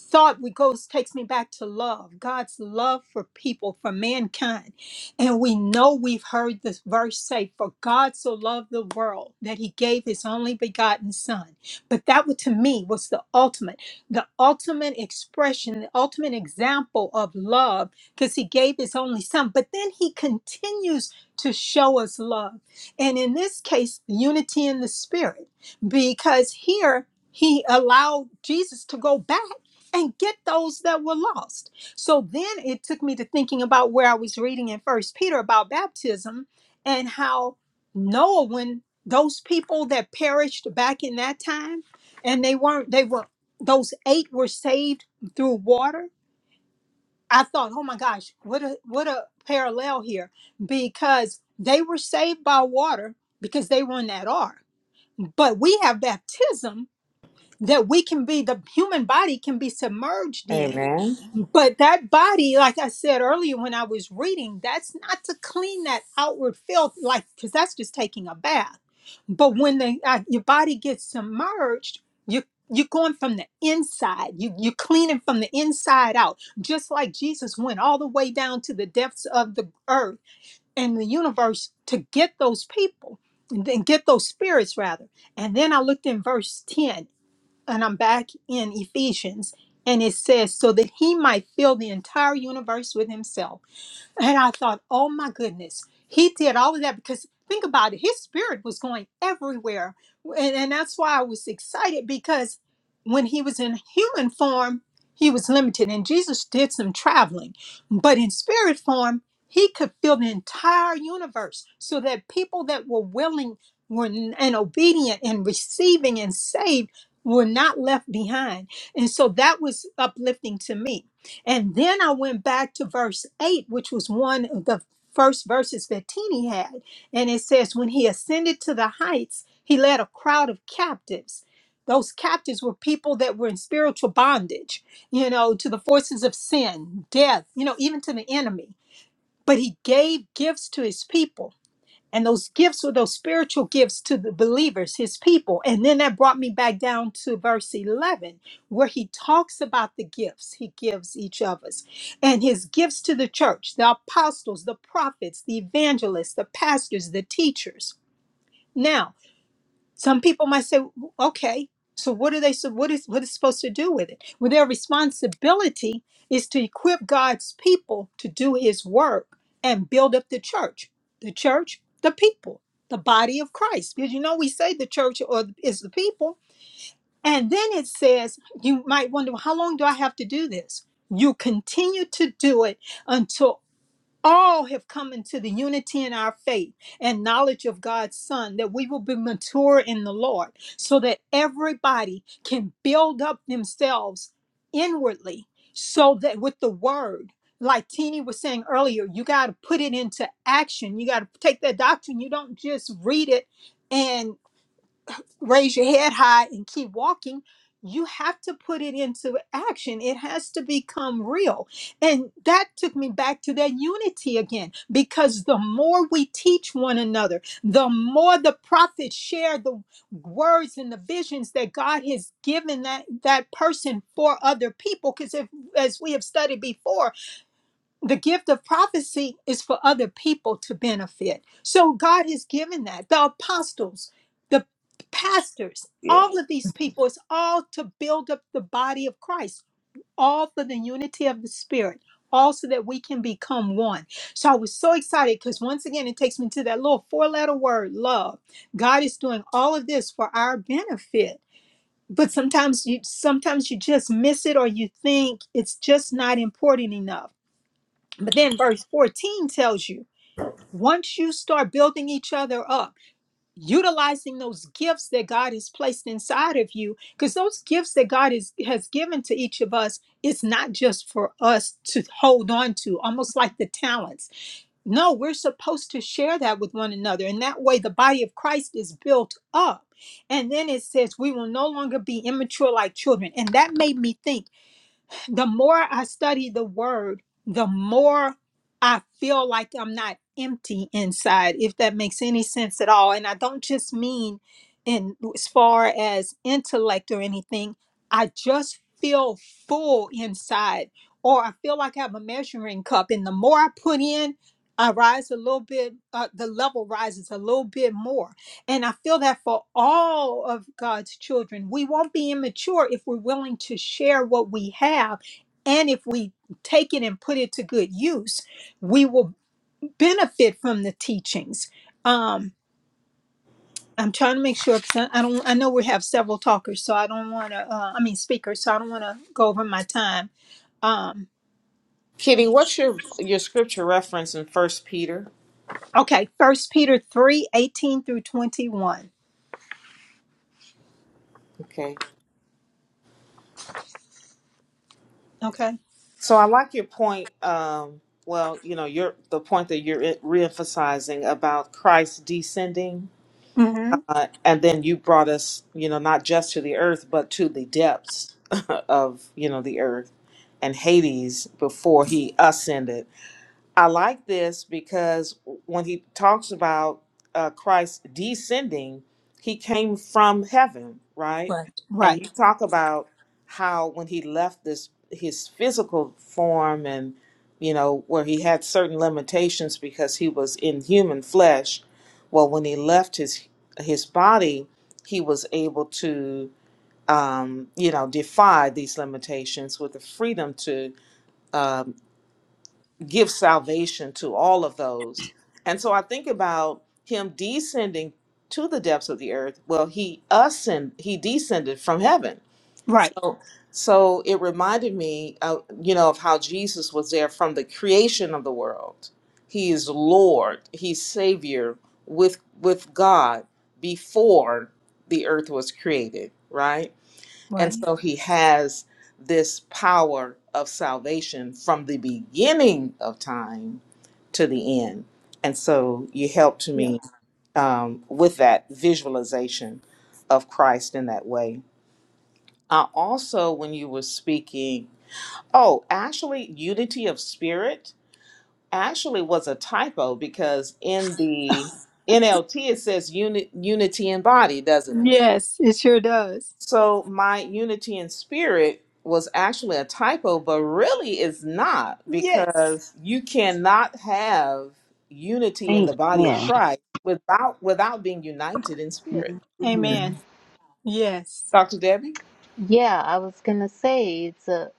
Speaker 6: thought we goes takes me back to love, God's love for people, for mankind. And we know we've heard this verse say, For God so loved the world that he gave his only begotten son. But that would, to me was the ultimate, the ultimate expression, the ultimate example of love, because he gave his only son. But then he continues to show us love. And in this case, unity in the spirit, because here he allowed Jesus to go back and get those that were lost. So then it took me to thinking about where I was reading in First Peter about baptism and how Noah, when those people that perished back in that time, and they weren't, they were those eight were saved through water I thought, oh my gosh, what a what a parallel here because they were saved by water because they were in that ark. But we have baptism that we can be the human body can be submerged in.
Speaker 1: Amen.
Speaker 6: But that body, like I said earlier when I was reading, that's not to clean that outward filth, like, because that's just taking a bath. But when the, uh, your body gets submerged, you, you're going from the inside. You, you're cleaning from the inside out. Just like Jesus went all the way down to the depths of the earth and the universe to get those people and then get those spirits, rather. And then I looked in verse 10 and I'm back in Ephesians, and it says, so that he might fill the entire universe with himself and I thought, oh my goodness, he did all of that because think about it, his spirit was going everywhere. And, and that's why I was excited because when he was in human form, he was limited. And Jesus did some traveling, but in spirit form, he could fill the entire universe so that people that were willing were, and obedient and receiving and saved were not left behind. And so that was uplifting to me and then I went back to verse 8, which was one of the first verses that Tini had. And it says, When he ascended to the heights, he led a crowd of captives. Those captives were people that were in spiritual bondage, you know, to the forces of sin, death, you know, even to the enemy. But he gave gifts to his people. And those gifts were those spiritual gifts to the believers, his people. And then that brought me back down to verse 11, where he talks about the gifts he gives each of us and his gifts to the church the apostles, the prophets, the evangelists, the pastors, the teachers. Now, some people might say, okay, so what are they so what is what is supposed to do with it? Well, their responsibility is to equip God's people to do his work and build up the church. The church, the people, the body of Christ. Because you know we say the church or is the people. And then it says, you might wonder, well, how long do I have to do this? You continue to do it until." all have come into the unity in our faith and knowledge of God's Son, that we will be mature in the Lord, so that everybody can build up themselves inwardly, so that with the word, like Teeny was saying earlier, you got to put it into action. You got to take that doctrine. You don't just read it and raise your head high and keep walking. You have to put it into action. It has to become real. And that took me back to that unity again, because the more we teach one another, the more the prophets share the words and the visions that God has given that, that person for other people. Because if, as we have studied before, the gift of prophecy is for other people to benefit. So God has given that. The apostles, the pastors,
Speaker 1: Yeah.
Speaker 6: all of these people, it's all to build up the body of Christ, all for the unity of the Spirit, all so that we can become one. So I was so excited because once again, it takes me to that little four letter word love. God is doing all of this for our benefit. But sometimes you sometimes you just miss it or you think it's just not important enough but then verse 14 tells you once you start building each other up, utilizing those gifts that God has placed inside of you, because those gifts that God is, has given to each of us, it's not just for us to hold on to, almost like the talents. No, we're supposed to share that with one another. And that way, the body of Christ is built up. And then it says, we will no longer be immature like children. And that made me think the more I study the word, the more I feel like I'm not empty inside, if that makes any sense at all. And I don't just mean in as far as intellect or anything. I just feel full inside, or I feel like I have a measuring cup. And the more I put in, I rise a little bit, uh, the level rises a little bit more. And I feel that for all of God's children, we won't be immature if we're willing to share what we have and if we take it and put it to good use, we will benefit from the teachings. Um, I'm trying to make sure because I, I don't. I know we have several talkers, so I don't want to. Uh, I mean, speakers, so I don't want to go over my time. Um,
Speaker 1: Kitty, what's your your scripture reference in First Peter?
Speaker 6: okay, First Peter three eighteen through twenty one.
Speaker 1: Okay.
Speaker 6: Okay.
Speaker 1: So I like your point. Um, well, you know, your the point that you're re- reemphasizing about Christ descending,
Speaker 6: Mm-hmm.
Speaker 1: uh, and then you brought us, you know, not just to the earth, but to the depths of you know the earth and Hades before he ascended. I like this because when he talks about uh, Christ descending, he came from heaven, right?
Speaker 6: Right.
Speaker 1: And
Speaker 6: Right.
Speaker 1: you talk about how when he left this his physical form and you know where he had certain limitations because he was in human flesh. Well, when he left his his body, he was able to um, you know defy these limitations with the freedom to um, give salvation to all of those. And so I think about him descending to the depths of the earth. Well, he ascend, he descended from heaven.
Speaker 6: Right.
Speaker 1: So so it reminded me of, you know of how Jesus was there from the creation of the world. He is Lord, he's savior with with God before the earth was created, right?
Speaker 6: Right.
Speaker 1: And so he has this power of salvation from the beginning of time to the end. And so you helped
Speaker 6: Yeah.
Speaker 1: me um, with that visualization of Christ in that way. Uh, also, when you were speaking, oh, actually, unity of spirit actually was a typo because in the NLT it says uni- unity in body, doesn't it?
Speaker 6: Yes, it sure does.
Speaker 1: So my unity in spirit was actually a typo, but really is not
Speaker 6: Yes.
Speaker 1: because you cannot have unity in the body of
Speaker 4: Amen.
Speaker 1: Christ without without being united in spirit.
Speaker 6: Amen. Yes.
Speaker 1: Dr. Debbie?
Speaker 4: Yeah, I was gonna say it's a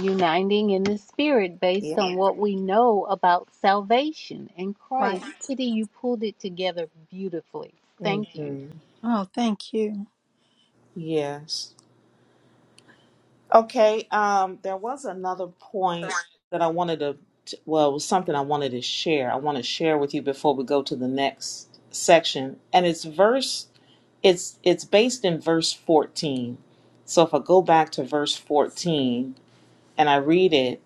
Speaker 4: uniting in the spirit based
Speaker 1: Yeah.
Speaker 4: on what we know about salvation in Christ.
Speaker 6: Right.
Speaker 4: Kitty, you pulled it together beautifully. Thank you.
Speaker 1: hmm
Speaker 6: Oh, thank you.
Speaker 1: Yes. Okay. Um, there was another point that I wanted to, t- well, it was something I wanted to share. I want to share with you before we go to the next section. And it's verse it's it's based in verse 14 so if i go back to verse 14 and i read it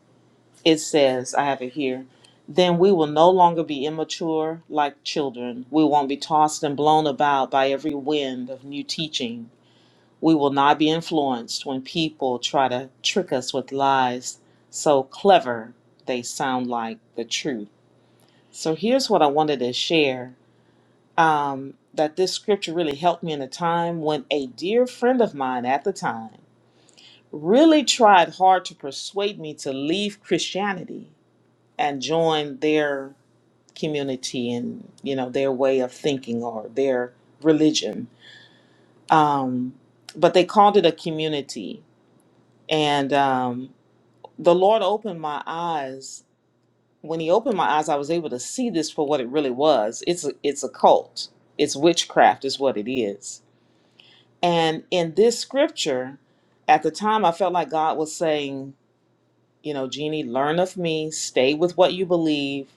Speaker 1: it says i have it here then we will no longer be immature like children we won't be tossed and blown about by every wind of new teaching we will not be influenced when people try to trick us with lies so clever they sound like the truth so here's what i wanted to share um, that this scripture really helped me in a time when a dear friend of mine at the time really tried hard to persuade me to leave Christianity and join their community and you know their way of thinking or their religion. Um, but they called it a community, and um, the Lord opened my eyes. When He opened my eyes, I was able to see this for what it really was. It's a, it's a cult. It's witchcraft, is what it is And in this scripture, at the time, I felt like God was saying, you know, Jeannie, learn of me, stay with what you believe,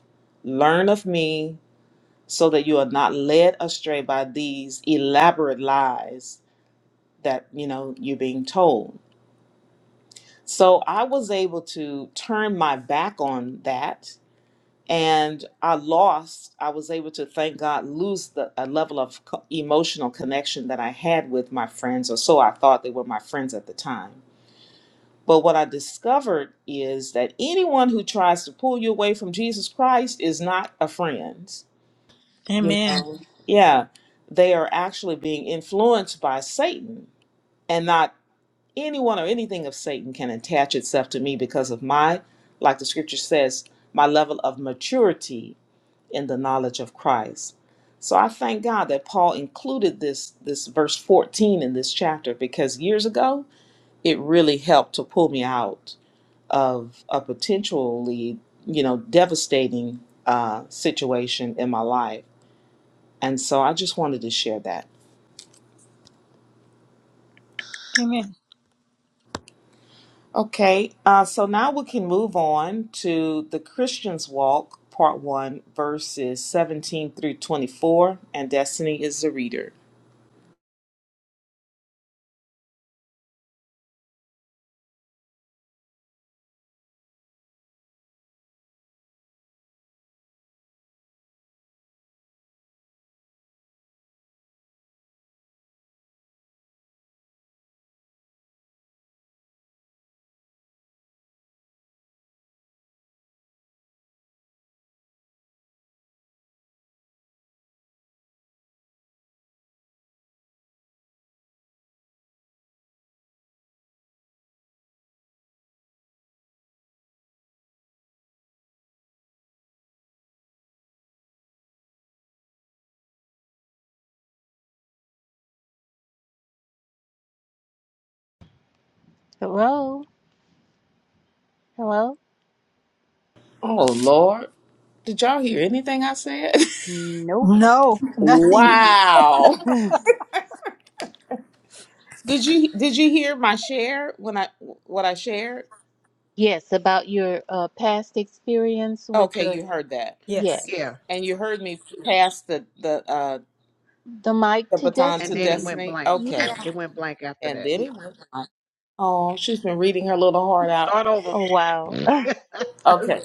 Speaker 1: learn of me, so that you are not led astray by these elaborate lies that, you know, you're being told. So I was able to turn my back on that. And I lost, I was able to, thank God, lose the a level of co- emotional connection that I had with my friends, or so I thought they were my friends at the time But what I discovered is that anyone who tries to pull you away from Jesus Christ is not a friend. You
Speaker 6: Amen.
Speaker 1: know, yeah, they are actually being influenced by Satan, and not anyone or anything of Satan can attach itself to me because of my, like the scripture says, my level of maturity in the knowledge of Christ. So I thank God that Paul included this this verse 14 in this chapter because years ago it really helped to pull me out of a potentially, you know, devastating uh, situation in my life. And so I just wanted to share that.
Speaker 6: Amen.
Speaker 1: Okay, uh, so now we can move on to the Christian's Walk, Part 1, verses 17 through 24. And Destiny is the reader.
Speaker 4: Hello? Hello?
Speaker 1: Oh Lord, did y'all hear anything I said?
Speaker 4: Nope.
Speaker 6: No, nothing.
Speaker 1: Wow. wow. Did you did you hear my share when I what I shared?
Speaker 4: yes, about your uh, past experience with
Speaker 1: Okay,
Speaker 4: the,
Speaker 1: you heard that.
Speaker 4: yes,
Speaker 6: Yes.
Speaker 5: yeah
Speaker 1: And you heard me pass the the uh
Speaker 4: the mic
Speaker 1: the
Speaker 4: to
Speaker 1: baton
Speaker 5: and
Speaker 1: to
Speaker 5: then it
Speaker 4: destiny.
Speaker 5: went
Speaker 1: Destiny.
Speaker 5: blank
Speaker 4: Yeah.
Speaker 1: Okay.
Speaker 5: it went blank after
Speaker 1: And
Speaker 5: that
Speaker 1: then it went on. Oh, she's been reading her little heart out.
Speaker 5: start over
Speaker 4: Oh, wow.
Speaker 5: Mm.
Speaker 1: Okay.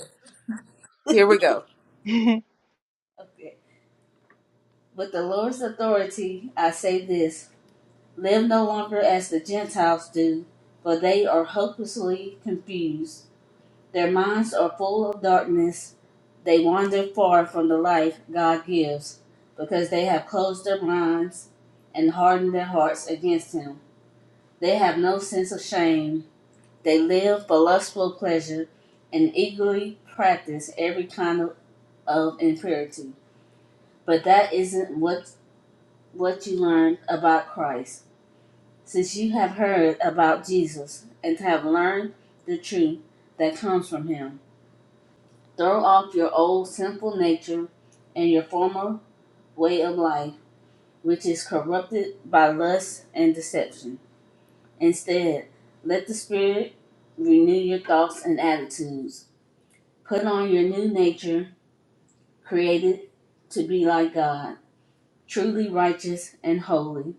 Speaker 4: That's
Speaker 1: Okay. With the Lord's authority, I say this live no longer as the Gentiles do, for they are hopelessly confused. Their minds are full of darkness. They wander far from the life God gives, because they have closed their minds and hardened their hearts against Him. They have no sense of shame They live for lustful pleasure and eagerly practice every kind of, of impurity. But that isn't what what you learned about Christ. Since you have heard about Jesus and have learned the truth that comes from him, throw off your old sinful nature and your former way of life, which is corrupted by lust and deception. Instead, let the Spirit renew your thoughts and attitudes. Put on your new nature, created to be like God, truly righteous and holy.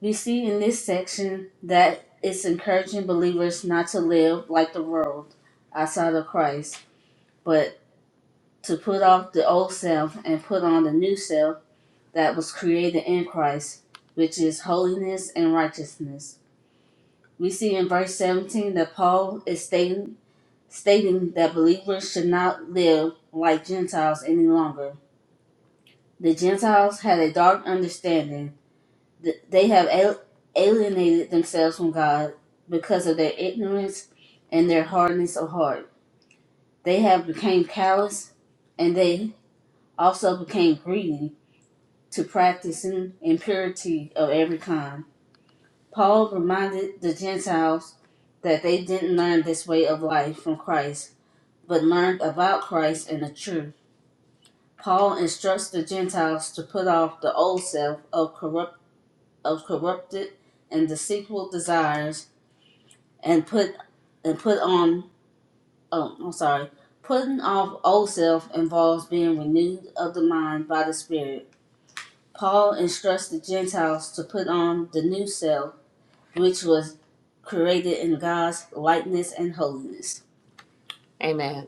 Speaker 1: You see in this section that it's encouraging believers not to live like the world outside of Christ, but to put off the old self and put on the new self that was created in Christ, which is holiness and righteousness. We see in verse 17 that Paul is stating, stating that believers should not live like Gentiles any longer The Gentiles had a dark understanding. They have alienated themselves from God because of their ignorance and their hardness of heart. They have become callous, and they also became greedy to practicing impurity of every kind. Paul reminded the Gentiles that they didn't learn this way of life from Christ, but learned about Christ and the truth. Paul instructs the Gentiles to put off the old self of corrupt of corrupted and deceitful desires, and put and put on. Oh, I'm sorry. Putting off old self involves being renewed of the mind by the Spirit. Paul instructs the Gentiles to put on the new self, which was created in God's likeness and holiness. Amen.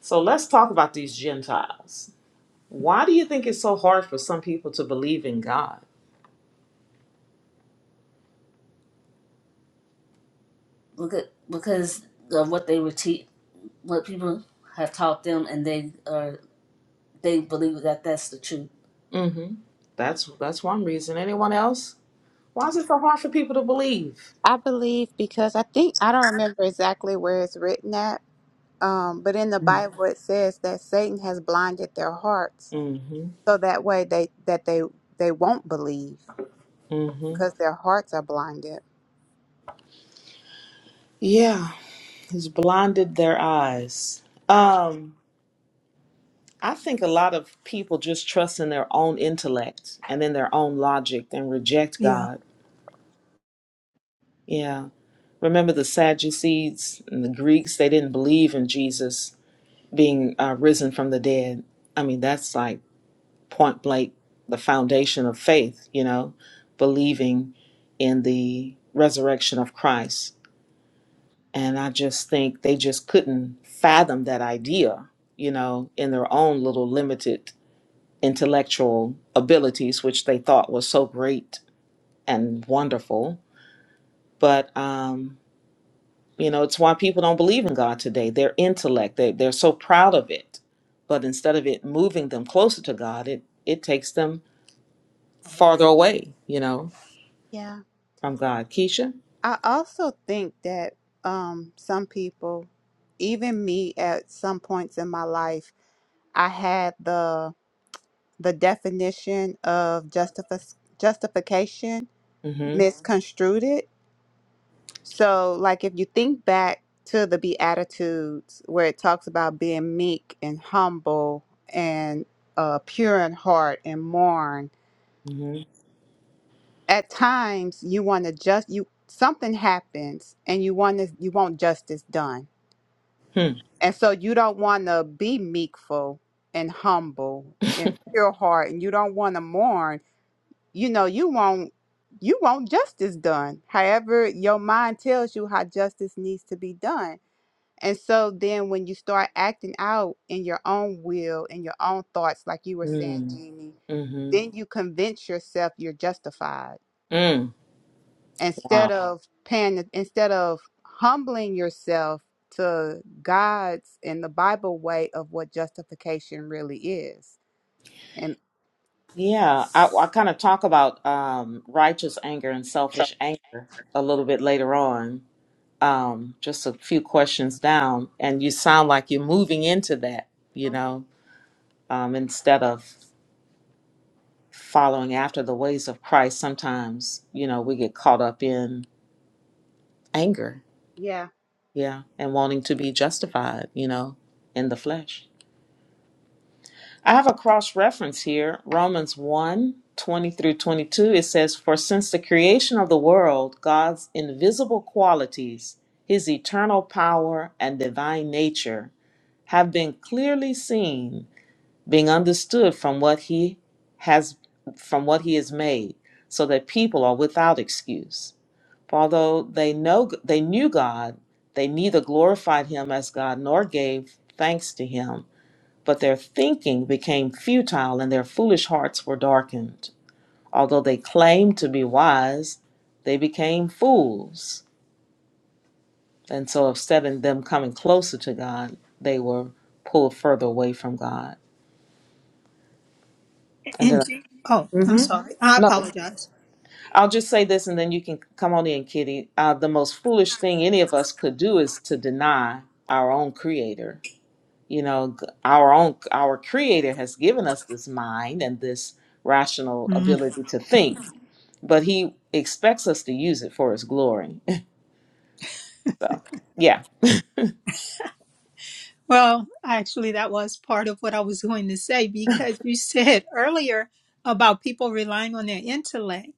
Speaker 1: So let's talk about these Gentiles. Why do you think it's so hard for some people to believe in God? Look at because of what they were te- what people have taught them, and they are they believe that that's the truth. Mm-hmm. That's that's one reason. Anyone else? Why is it so hard for people to believe?
Speaker 7: I believe because I think I don't remember exactly where it's written at, um, but in the Bible it says that Satan has blinded their hearts
Speaker 1: Mm-hmm.
Speaker 7: so that way they that they they won't believe
Speaker 1: Mm-hmm.
Speaker 7: because their hearts are blinded.
Speaker 1: Yeah, it's blinded their eyes.
Speaker 7: Uh,
Speaker 1: Um, I think a lot of people just trust in their own intellect and in their own logic and reject
Speaker 6: Yeah.
Speaker 1: God. Yeah. Remember the Sadducees and the Greeks, they didn't believe in Jesus being uh, risen from the dead. I mean, that's like point blank the foundation of faith, you know, believing in the resurrection of Christ. And I just think they just couldn't fathom that idea, you know, in their own little limited intellectual abilities, which they thought was so great and wonderful. But, um, You know, it's why people don't believe in God today. Their intellect, they, they're so proud of it. But instead of it moving them closer to God, it, it takes them farther away, you know,
Speaker 7: Yeah.
Speaker 1: from God. Keisha?
Speaker 7: I also think that um, some people, even me at some points in my life, I had the the definition of justifi- justification
Speaker 1: Mm-hmm.
Speaker 7: misconstrued. So, like, if you think back to the Beatitudes, where it talks about being meek and humble and uh, pure in heart and mourn,
Speaker 1: Mm-hmm.
Speaker 7: at times you want to just you something happens and you want to you want justice done,
Speaker 1: Hmm.
Speaker 7: and so you don't want to be meekful and humble and pure heart, and you don't want to mourn. You know, you want you want justice done. However, your mind tells you how justice needs to be done And so then when you start acting out in your own will, in your own thoughts, like you were saying,
Speaker 1: Mm,
Speaker 7: Jeannie,
Speaker 1: mm-hmm.
Speaker 7: then you convince yourself you're justified.
Speaker 1: Mm.
Speaker 7: Instead
Speaker 1: Wow.
Speaker 7: of paying instead of humbling yourself to God's and the Bible way of what justification really is. And
Speaker 1: Yeah, I, I kind of talk about um, righteous anger and selfish anger a little bit later on, um, just a few questions down, and you sound like you're moving into that, you know, um, instead of following after the ways of Christ, sometimes, you know, we get caught up in anger,
Speaker 7: yeah.
Speaker 1: yeah, and wanting to be justified, you know, in the flesh. I have a cross reference here Romans one 20 through 22. It says, For since the creation of the world, God's invisible qualities, his eternal power and divine nature, have been clearly seen being understood from what he has from what he is made so that people are without excuse for although they know they knew god they neither glorified him as god nor gave thanks to him but their thinking became futile and their foolish hearts were darkened although they claimed to be wise they became fools and so instead of them coming closer to god they were pulled further away from god and
Speaker 6: And
Speaker 1: then
Speaker 6: Je- oh, I'm
Speaker 1: Mhm.
Speaker 6: sorry. I
Speaker 1: no
Speaker 6: apologize.
Speaker 1: I'll just say this and then you can come on in, Kitty. Uh, the most foolish thing any of us could do is to deny our own creator. You know, g- our own, our creator has given us this mind and this rational
Speaker 6: Mm.
Speaker 1: ability to think, but he expects us to use it for his glory. so, yeah.
Speaker 6: Well, actually, that was part of what I was going to say because you said earlier about people relying on their intellect.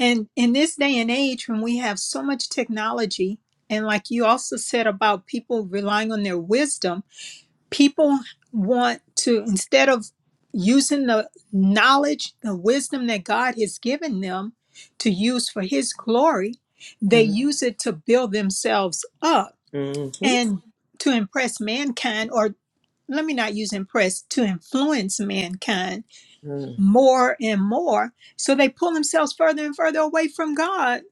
Speaker 6: And in this day and age, when we have so much technology, and like you also said about people relying on their wisdom, people want to instead of using the knowledge the wisdom that god has given them to use for his glory they use it to build themselves up
Speaker 1: Mm-hmm.
Speaker 6: and to impress mankind or let me not use impress to influence mankind more and more. So they pull themselves further and further away from God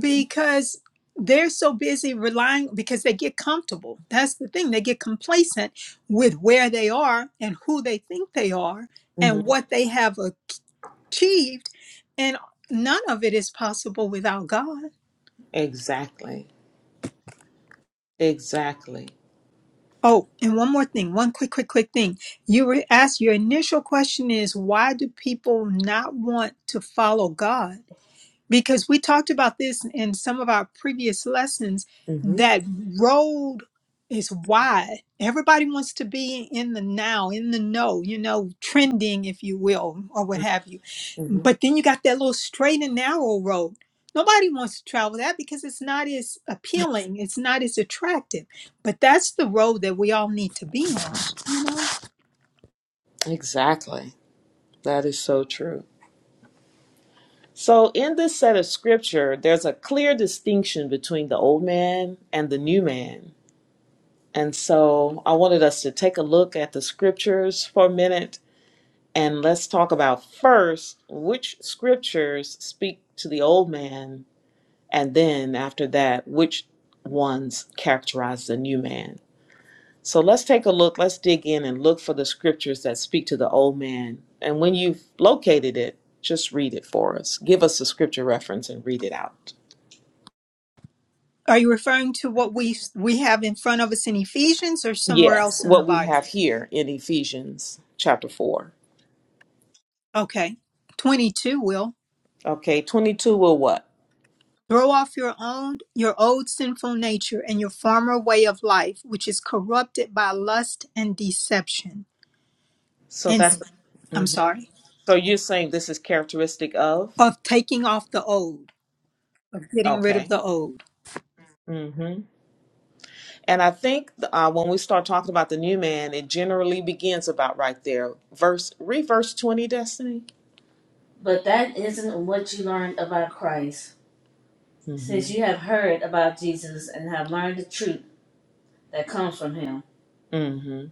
Speaker 6: because they're so busy relying because they get comfortable. That's the thing. They get complacent with where they are and who they think they are and
Speaker 1: Mm-hmm.
Speaker 6: what they have achieved. And none of it is possible without God.
Speaker 1: Exactly. Exactly.
Speaker 6: Oh, and one more thing, one quick, quick, quick thing. You were asked your initial question is why do people not want to follow God? because we talked about this in some of our previous lessons
Speaker 1: Mm-hmm.
Speaker 6: that road is wide everybody wants to be in the now in the know you know trending if you will or what have you but
Speaker 1: Mm-hmm.
Speaker 6: then you got that little straight and narrow road nobody wants to travel that because it's not as appealing it's not as attractive but that's the road that we all need to be on
Speaker 1: Exactly. That is so true. So, in this set of scripture, there's a clear distinction between the old man and the new man. And so, I wanted us to take a look at the scriptures for a minute and let's talk about first which scriptures speak to the old man, and then after that, which ones characterize the new man. So, let's take a look, let's dig in and look for the scriptures that speak to the old man. And when you've located it, just read it for us. Give us the scripture reference and read it out.
Speaker 6: are you referring to what we we have in front of us in ephesians or somewhere
Speaker 1: Yes,
Speaker 6: else in the
Speaker 1: what we
Speaker 6: bible
Speaker 1: have here in Ephesians chapter 4.
Speaker 6: okay 22 will
Speaker 1: Okay, 22 will what?
Speaker 6: Throw off your own your old sinful nature and your former way of life, which is corrupted by lust and deception.
Speaker 1: So
Speaker 6: And
Speaker 1: that's
Speaker 6: I'm
Speaker 1: hmm
Speaker 6: sorry,
Speaker 1: So you're saying this is characteristic of?
Speaker 6: of taking off the old, of getting rid of
Speaker 1: Okay.
Speaker 6: the old.
Speaker 1: hmm And I think uh, when we start talking about the new man, it generally begins about right there. Verse, read verse 20, Destiny. But that isn't what you learned about Christ, hmm since Mhm. you have heard about Jesus and have learned the truth that comes from him. hmm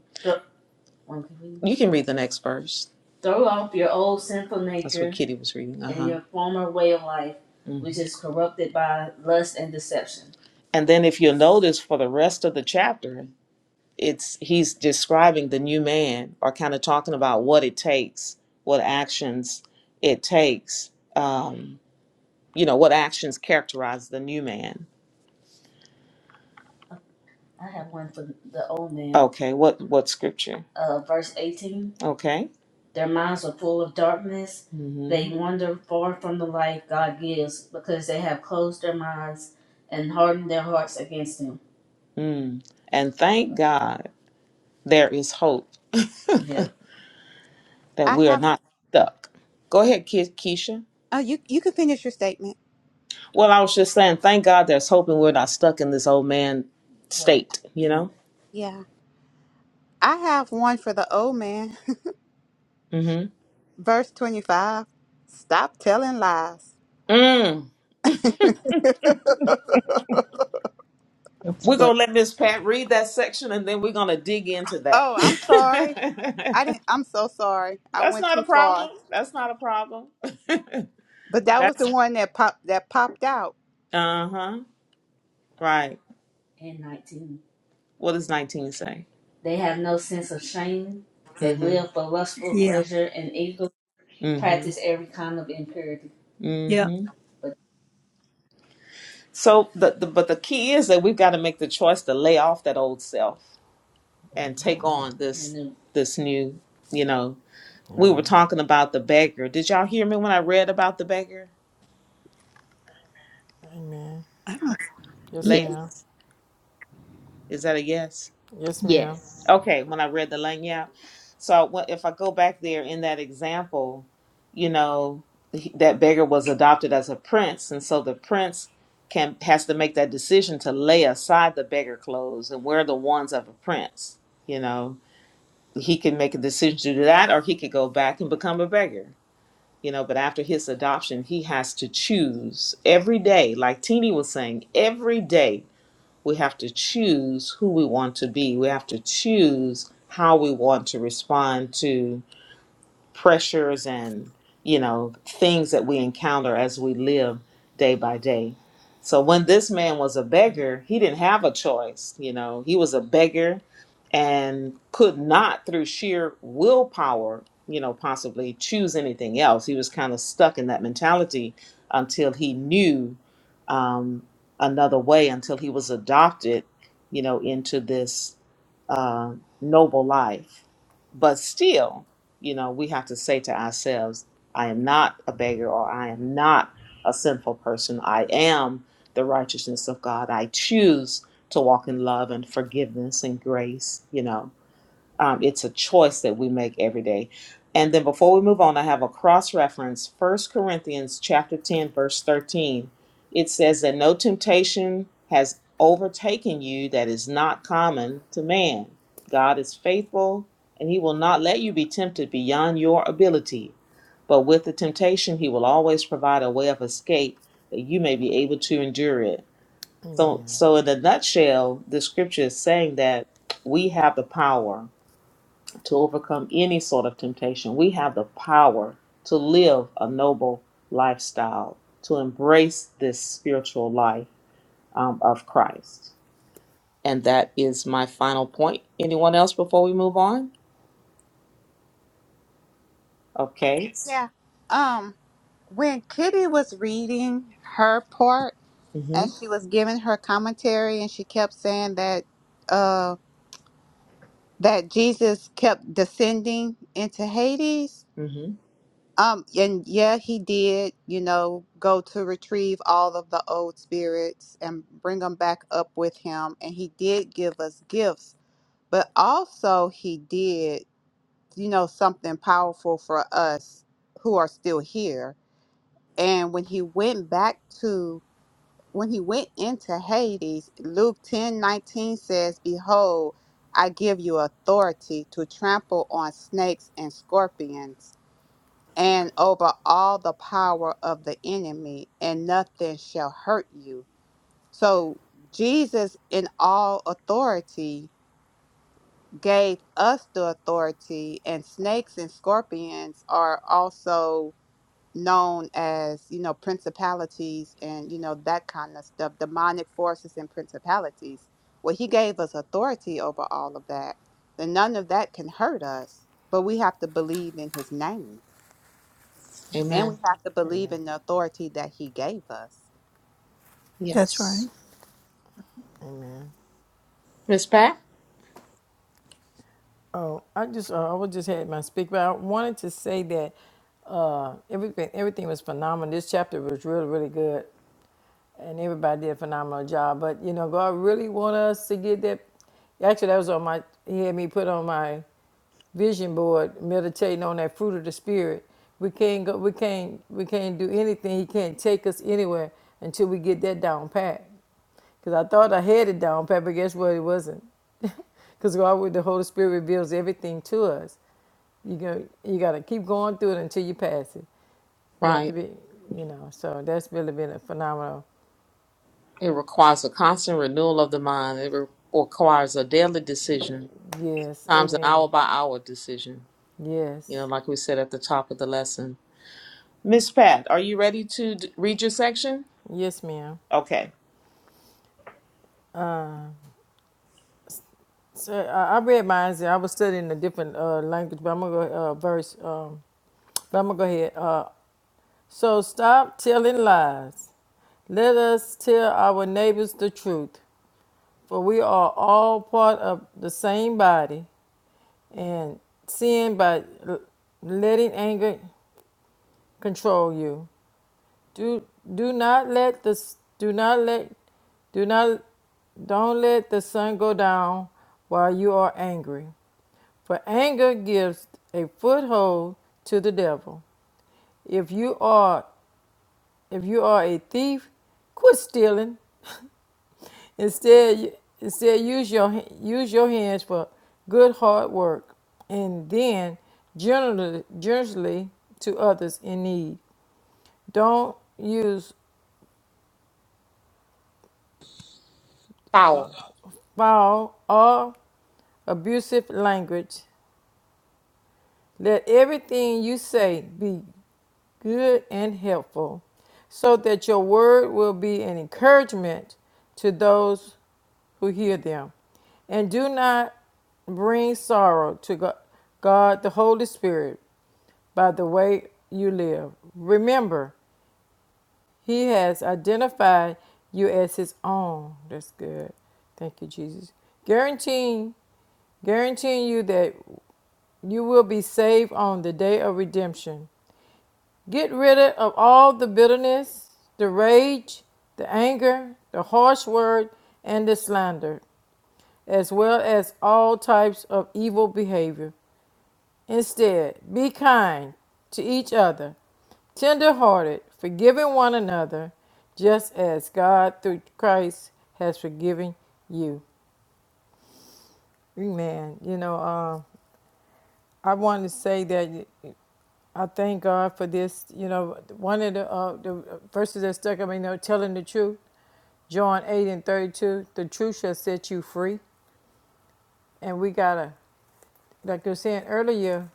Speaker 1: Okay. You can read the next verse. Throw off your old sinful That's what nature Kitty was reading. Uh and huh. your former way of life, which is corrupted by lust and deception. And then if you'll notice for the rest of the chapter, it's he's describing the new man or kind of talking about what it takes, what actions it takes, um, you know, what actions characterize the new man. I have one for the old man. Okay, what what scripture? Uh, verse 18. Okay. Their minds are full of darkness. hmm They wander far from the life God gives because they have closed their minds and hardened their hearts against Him. Mm. And thank God there is hope Yeah. that
Speaker 7: I
Speaker 1: we are
Speaker 7: have
Speaker 1: not stuck. Go ahead, Ke- Keisha.
Speaker 7: oh you you can finish your statement.
Speaker 1: Well, I was just saying, thank God there's hope and we're not stuck in this old man Right. state, you know?
Speaker 7: Yeah. I have one for the old man.
Speaker 1: Mm-hmm.
Speaker 7: Verse twenty five. Stop telling lies.
Speaker 1: mm hmm We're
Speaker 4: funny.
Speaker 1: gonna let Miss Pat read that section and then we're gonna dig into that.
Speaker 7: Oh, I'm sorry. I didn't. I'm so sorry. I
Speaker 1: That's
Speaker 7: went
Speaker 1: not
Speaker 7: too
Speaker 1: a
Speaker 7: far.
Speaker 1: problem. That's not a problem.
Speaker 7: But that was
Speaker 1: That's
Speaker 7: the one that popped that popped out.
Speaker 1: uh-huh. Right. And 19. What does 19 say? They have no sense of shame. They hmm live for lustful
Speaker 6: Yeah,
Speaker 1: pleasure and eagerly practice Mm-hmm. every kind of impurity.
Speaker 6: yeah,
Speaker 1: Mm-hmm. But So the, the but the key is that we've got to make the choice to lay off that old self and take on this then this new, you know. we were talking about the beggar. Did y'all hear me when I read about the beggar,
Speaker 3: Amen.
Speaker 6: I don't,
Speaker 3: Yes,
Speaker 4: Yes,
Speaker 1: lady?
Speaker 3: ma'am.
Speaker 1: Is that a yes?
Speaker 3: Yes, ma'am.
Speaker 4: yes.
Speaker 1: Okay, when I read the lanyard. So I went- if I go back there in that example, you know, he- that beggar was adopted as a prince, and so the prince can has to make that decision to lay aside the beggar clothes and wear the ones of a prince. You know, he can make a decision to do that, or he could go back and become a beggar you know but after his adoption he has to choose every day like Teeny was saying every day we have to choose who we want to be we have to choose how we want to respond to pressures and you know things that we encounter as we live day by day so when this man was a beggar he didn't have a choice you know he was a beggar and could not through sheer willpower you know possibly choose anything else he was kind of stuck in that mentality until he knew um, another way until he was adopted you know into this uh, noble life but still you know, we have to say to ourselves, I am not a beggar or I am not a sinful person. I am the righteousness of God. I choose to walk in love and forgiveness and grace, you know um, it's a choice that we make every day. And then before we move on, I have a cross reference. First Corinthians chapter 10, verse 13. It says that no temptation has overtaken you that is not common to man. God is faithful and he will not let you be tempted beyond your ability. But with the temptation, he will always provide a way of escape that you may be able to endure it. So
Speaker 3: Amen.
Speaker 1: so in a nutshell, the scripture is saying that we have the power to overcome any sort of temptation. We have the power to live a noble lifestyle, to embrace this spiritual life um, of Christ. And that is my final point. Anyone else before we move on? Okay.
Speaker 7: Yeah. Um, when Kitty was reading her part
Speaker 1: hmm
Speaker 7: and she was giving her commentary, and she kept saying that uh that Jesus kept descending into Hades.
Speaker 1: hmm
Speaker 7: Um, and yeah, he did. You know, go to retrieve all of the old spirits and bring them back up with him, and he did give us gifts but also he did you know something powerful for us who are still here and when he went back to when he went into hades luke ten nineteen says behold i give you authority to trample on snakes and scorpions and over all the power of the enemy and nothing shall hurt you so jesus in all authority gave us the authority and snakes and scorpions are also known as you know principalities and you know that kind of stuff demonic forces and principalities well he gave us authority over all of that and none of that can hurt us but we have to believe in his name and we
Speaker 1: Amen.
Speaker 7: have to believe
Speaker 3: Amen.
Speaker 7: in the authority that he gave us
Speaker 6: that's right.
Speaker 1: Yes.
Speaker 3: Amen.
Speaker 1: Miss Pat?
Speaker 3: Oh, I just uh, I was just had my speak, but I wanted to say that uh, everything everything was phenomenal. This chapter was really really good, and everybody did a phenomenal job. But you know, God really want us to get that. Actually, that was on my. He had me put on my vision board, meditating on that fruit of the spirit. We can't go. We can't. We can't do anything. He can't take us anywhere until we get that down pat. Cause I thought I had it down pat, but guess what? It wasn't. Cause why would the Holy Spirit reveals everything to us? You go. You gotta keep going through it until you pass it. We have to
Speaker 1: Right.
Speaker 3: be, you know. So that's really been a phenomenal.
Speaker 1: It requires a constant renewal of the mind. It re- requires a daily decision,
Speaker 3: Yes.
Speaker 1: times an hour
Speaker 3: Amen.
Speaker 1: by hour decision. You know,
Speaker 3: Yes.
Speaker 1: like we said at the top of the lesson Miss Pat, are you ready to d- read your section?
Speaker 3: Yes, ma'am.
Speaker 1: Okay.
Speaker 3: So I, I read mine. so I was studying a different uh, language, but I'm gonna go uh, verse. Um, but I'm gonna go ahead. Uh, so stop telling lies. Let us tell our neighbors the truth, for we are all part of the same body. And sin by l- letting anger control you. Do do not let the s- do not let do not don't let the sun go down while you are angry For anger gives a foothold to the devil. If you are if you are a thief, quit stealing. Instead, instead use your use your hands for good hard work, and then generally generously to others in need. Don't use
Speaker 1: Foul.
Speaker 3: foul or abusive language. Let everything you say be good and helpful, so that your word will be an encouragement to those who hear them. And do not bring sorrow to God, the Holy Spirit, by the way you live. Remember, He has identified you as His own. That's good. Thank you, Jesus. Guaranteeing guaranteeing you that you will be saved on the day of redemption. Get rid of all the bitterness, the rage, the anger, the harsh word, and the slander, as well as all types of evil behavior. Instead, be kind to each other, tender hearted, forgiving one another, just as God through Christ has forgiven you. Amen. You know, uh, I want to say that. I thank God for this. You know, one of the, uh, the verses that stuck, I mean, they're telling the truth, John 8 and 32, the truth shall set you free. And we got to, like you were saying earlier,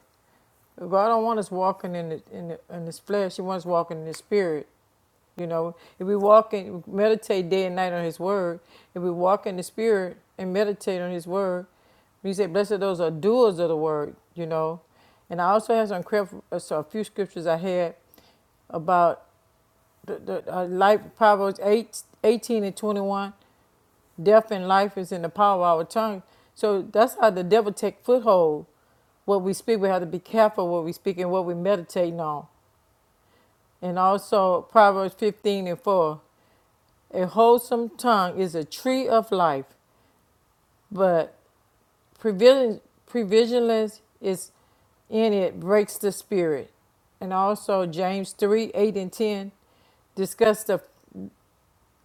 Speaker 3: God don't want us walking in the, in the in this flesh. He wants us walking in the spirit. You know, if we walk in, meditate day and night on his word, if we walk in the spirit and meditate on his word, he said, blessed are those who are doers of the word, you know. And I also have some, uh, so a few scriptures I had about the, the uh, life Proverbs 8 18 and 21 death and life is in the power of our tongue so that's how the devil take foothold what we speak we have to be careful what we speak and what we meditating on and also Proverbs 15 and 4 a wholesome tongue is a tree of life but provision provisionless is in it breaks the spirit and also James 3 8 and 10 discuss the,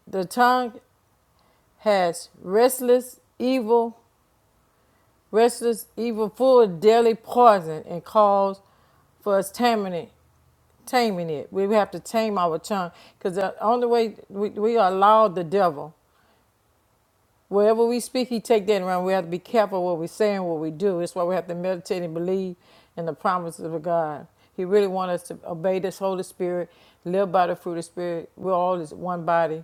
Speaker 3: the tongue has restless evil, restless evil full of deadly poison and cause for us taming it. Taming it. We have to tame our tongue because the only way we, we allow the devil, wherever we speak, he take that around. We have to be careful what we say and what we do. That's why we have to meditate and believe in the promises of God. He really wants us to obey this Holy Spirit, live by the fruit of the Spirit. We're all this one body.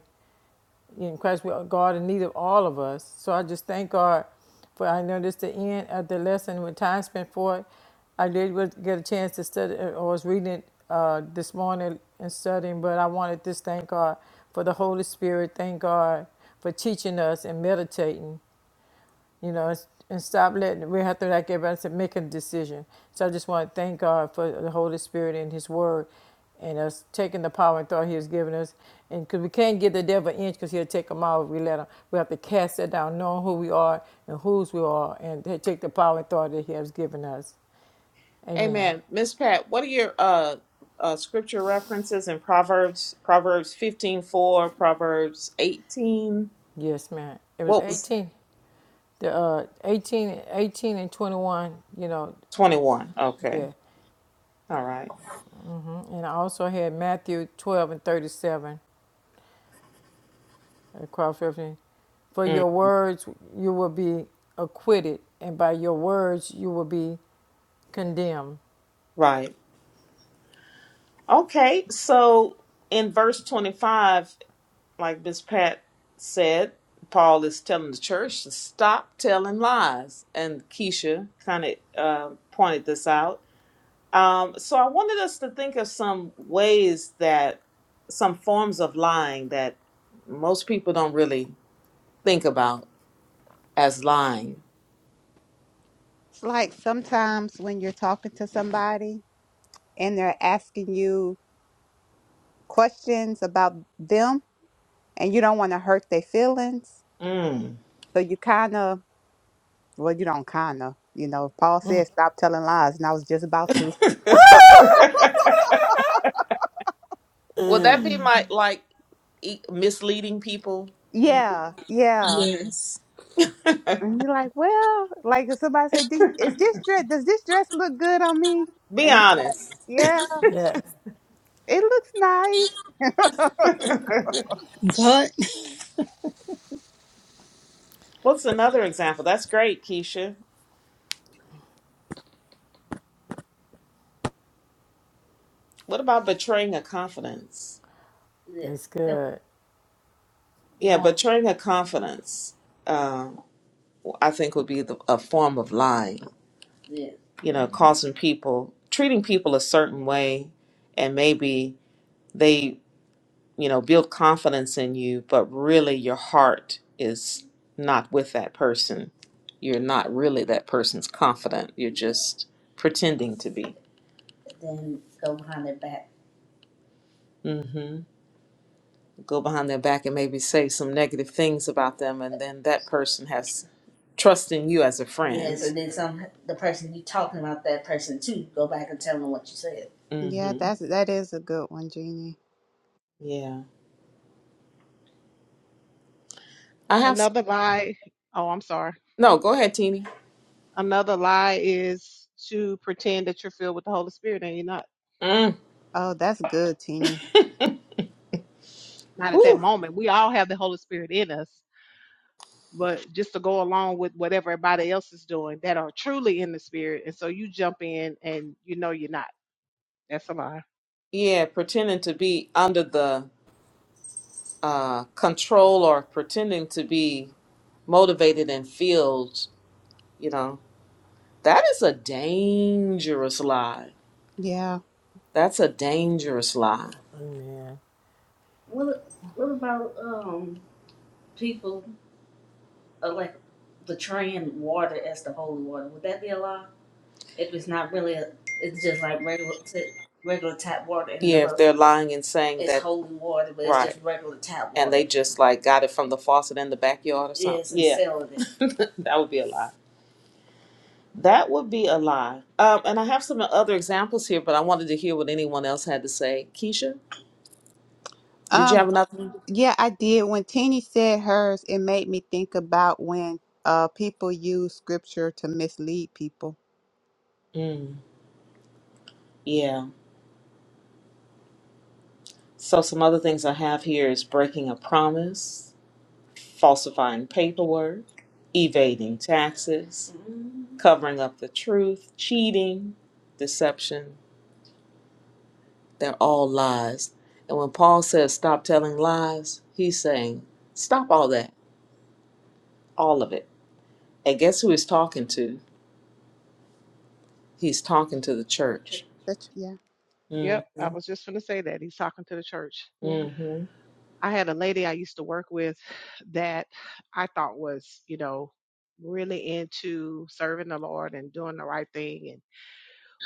Speaker 3: in Christ, we are God in need of all of us. So I just thank God for I know this is the end of the lesson with time spent for it. I did really get a chance to study or was reading it uh, this morning and studying, but I wanted to thank God for the Holy Spirit. Thank God for teaching us and meditating you know, and stop letting, we have to, like everybody said, make a decision. So I just want to thank God for the Holy Spirit and His Word and us taking the power and thought He has given us. And because we can't give the devil an inch because he'll take them all if we let him. We have to cast that down, knowing who we are and whose we are, and take the power and thought that He has given us. Amen.
Speaker 1: Amen. Miss Pat, what are your uh, uh, scripture references in Proverbs? Proverbs fifteen four, Proverbs 18.
Speaker 3: Yes, ma'am. It was
Speaker 1: What was
Speaker 3: 18, the uh, 18, 18 and 21, you know,
Speaker 1: 21? Okay.
Speaker 3: yeah.
Speaker 1: All right.
Speaker 3: And I also had Matthew 12 and 37 across reference. For
Speaker 1: Mm,
Speaker 3: your words you will be acquitted, and by your words you will be condemned.
Speaker 1: right. Okay. So in verse 25, like Miss Pat said, Paul is telling the church to stop telling lies. And Keisha kind of uh, pointed this out Um, so I wanted us to think of some ways that some forms of lying that most people don't really think about as lying.
Speaker 7: it's like sometimes when you're talking to somebody and they're asking you questions about them and you don't want to hurt their feelings.
Speaker 1: Mm.
Speaker 7: So you kind of, well, you don't kind of, you know, Paul said, stop telling lies. And I was just about to,
Speaker 1: Would that be my like e- misleading people?
Speaker 7: yeah, yeah.
Speaker 6: Yes,
Speaker 7: And you're like, well, like if somebody say, "Do- is this dress, does this dress look good on me?
Speaker 1: Be
Speaker 7: And you,
Speaker 1: honest.
Speaker 7: yeah,
Speaker 3: Yes,
Speaker 7: it looks nice.
Speaker 6: but
Speaker 1: What's another example? That's great, Keisha. What about betraying a confidence?
Speaker 3: it's good.
Speaker 1: Yeah, betraying a confidence. Uh, I think would be the, a form of lying. Yeah. you know, causing people, treating people a certain way, and maybe they, you know, build confidence in you, but really your heart is not with that person. You're not really that person's confident. You're just pretending to be. Then go behind their back. go behind their back and maybe say some negative things about them, and then that person has trust in you as a friend. Yes, and then some the person you talking about that person too, go back and tell them what you said.
Speaker 7: Yeah,
Speaker 1: Mm-hmm.
Speaker 7: that's, that is a good one, Jeannie.
Speaker 1: Yeah. I have. s-
Speaker 5: another lie oh i'm sorry
Speaker 1: No, go ahead, Teeny.
Speaker 5: another lie is to pretend that you're filled with the holy spirit and you're not
Speaker 1: Mm.
Speaker 7: Oh, that's good, Teeny.
Speaker 5: not at that
Speaker 1: Whew.
Speaker 5: moment we all have the holy spirit in us but just to go along with what everybody else is doing that are truly in the spirit and so you jump in and you know you're not that's a lie
Speaker 1: Yeah, pretending to be under the uh, control or pretending to be motivated and filled, you know, that is a dangerous lie.
Speaker 7: Yeah.
Speaker 1: That's a dangerous lie.
Speaker 3: Amen.
Speaker 1: What what about um people uh, like betraying water as the holy water? Would that be a lie? If it's not really, a, it's just like regular t- regular tap water, and Yeah, if they're lying and saying it's that, holy water, but it's right, just regular tap and water. they just like got it from the faucet in the backyard or something. Yes, and Yeah, selling it. that would be a lie. That would be a lie. Um, and I have some other examples here, but I wanted to hear what anyone else had to say. Keisha, did you have
Speaker 7: Um,
Speaker 1: another one?
Speaker 7: yeah, I did. When Teeny said hers, it made me think about when uh people use scripture to mislead people
Speaker 1: Mm, yeah. So, some other things I have here is breaking a promise, falsifying paperwork, evading taxes, covering up the truth, cheating, deception. They're all lies. And when Paul says stop telling lies, he's saying stop all that, all of it. And guess who he's talking to? He's talking to the church.
Speaker 7: That's yeah,
Speaker 1: Mm
Speaker 5: yep i was just going to say that he's talking to the church
Speaker 7: yeah.
Speaker 1: hmm.
Speaker 5: I had a lady I used to work with that I thought was, you know, really into serving the Lord and doing the right thing. And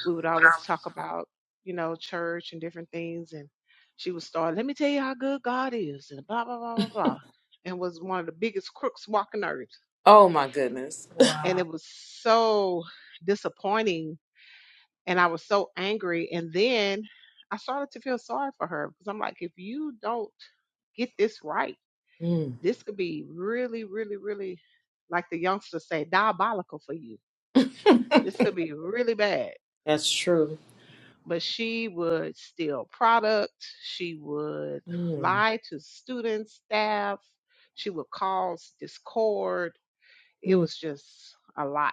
Speaker 5: we would always talk about, you know, church and different things. And she would start, let me tell you how good God is, and blah, blah, blah, blah, blah. And was one of the biggest crooks walking earth.
Speaker 1: Oh, my goodness.
Speaker 5: And
Speaker 1: Wow.
Speaker 5: it was so disappointing. And I was so angry. And then I started to feel sorry for her because I'm like, if you don't get this right,
Speaker 1: Mm.
Speaker 5: this could be really, really, really, like the youngsters say, diabolical for you. This could be really bad.
Speaker 1: That's true.
Speaker 5: But she would steal product. She would
Speaker 1: Mm,
Speaker 5: lie to students, staff. She would cause discord. It
Speaker 1: mm,
Speaker 5: was just a lot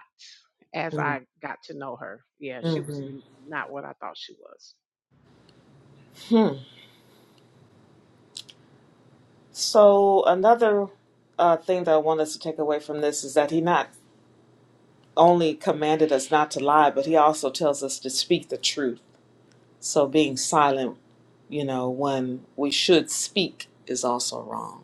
Speaker 5: as
Speaker 1: mm,
Speaker 5: I got to know her. Yeah, she was
Speaker 1: mhm.
Speaker 5: n- not what I thought she was.
Speaker 1: Hmm. So another uh, thing that I want us to take away from this is that he not only commanded us not to lie, but he also tells us to speak the truth. So being silent, you know, when we should speak is also wrong.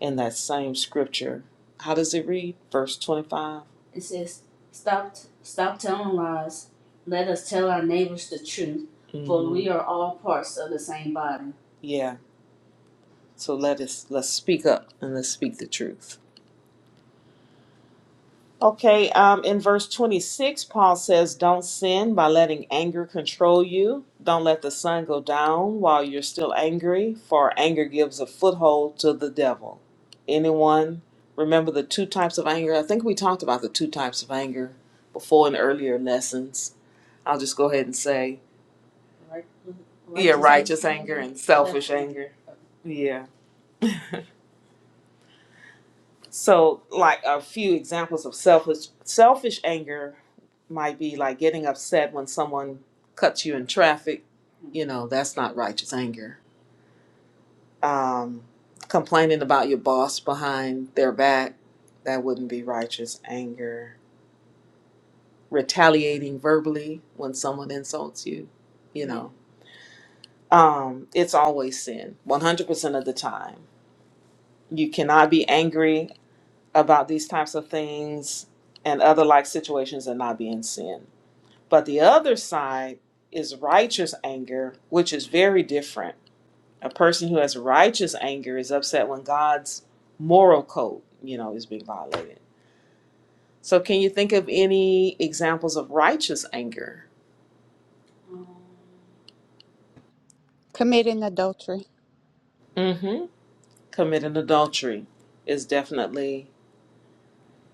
Speaker 1: In that same scripture, how does it read? Verse 25. It says, "Stop, stop telling lies. Let us tell our neighbors the truth, for hmm we are all parts of the same body." Yeah. So let us let's speak up and let's speak the truth. Okay, um, in verse 26, Paul says, Don't sin by letting anger control you. Don't let the sun go down while you're still angry, for anger gives a foothold to the devil. Anyone remember the two types of anger? I think we talked about the two types of anger before in earlier lessons. I'll just go ahead and say, Right, yeah, righteous anger, righteous anger maybe? and selfish Selfish anger. Yeah. So, like a few examples of selfish selfish anger might be like getting upset when someone cuts you in traffic. You know, that's not righteous anger. Um, complaining about your boss behind their back, that wouldn't be righteous anger. Retaliating verbally when someone insults you, you know, um, it's always sin, 100% of the time. You cannot be angry about these types of things and other like situations and not be in sin But the other side is righteous anger, which is very different. A person who has righteous anger is upset when God's moral code, you know, is being violated. So, can you think of any examples of righteous anger?
Speaker 7: Committing adultery.
Speaker 1: Mm-hmm. Committing adultery is definitely,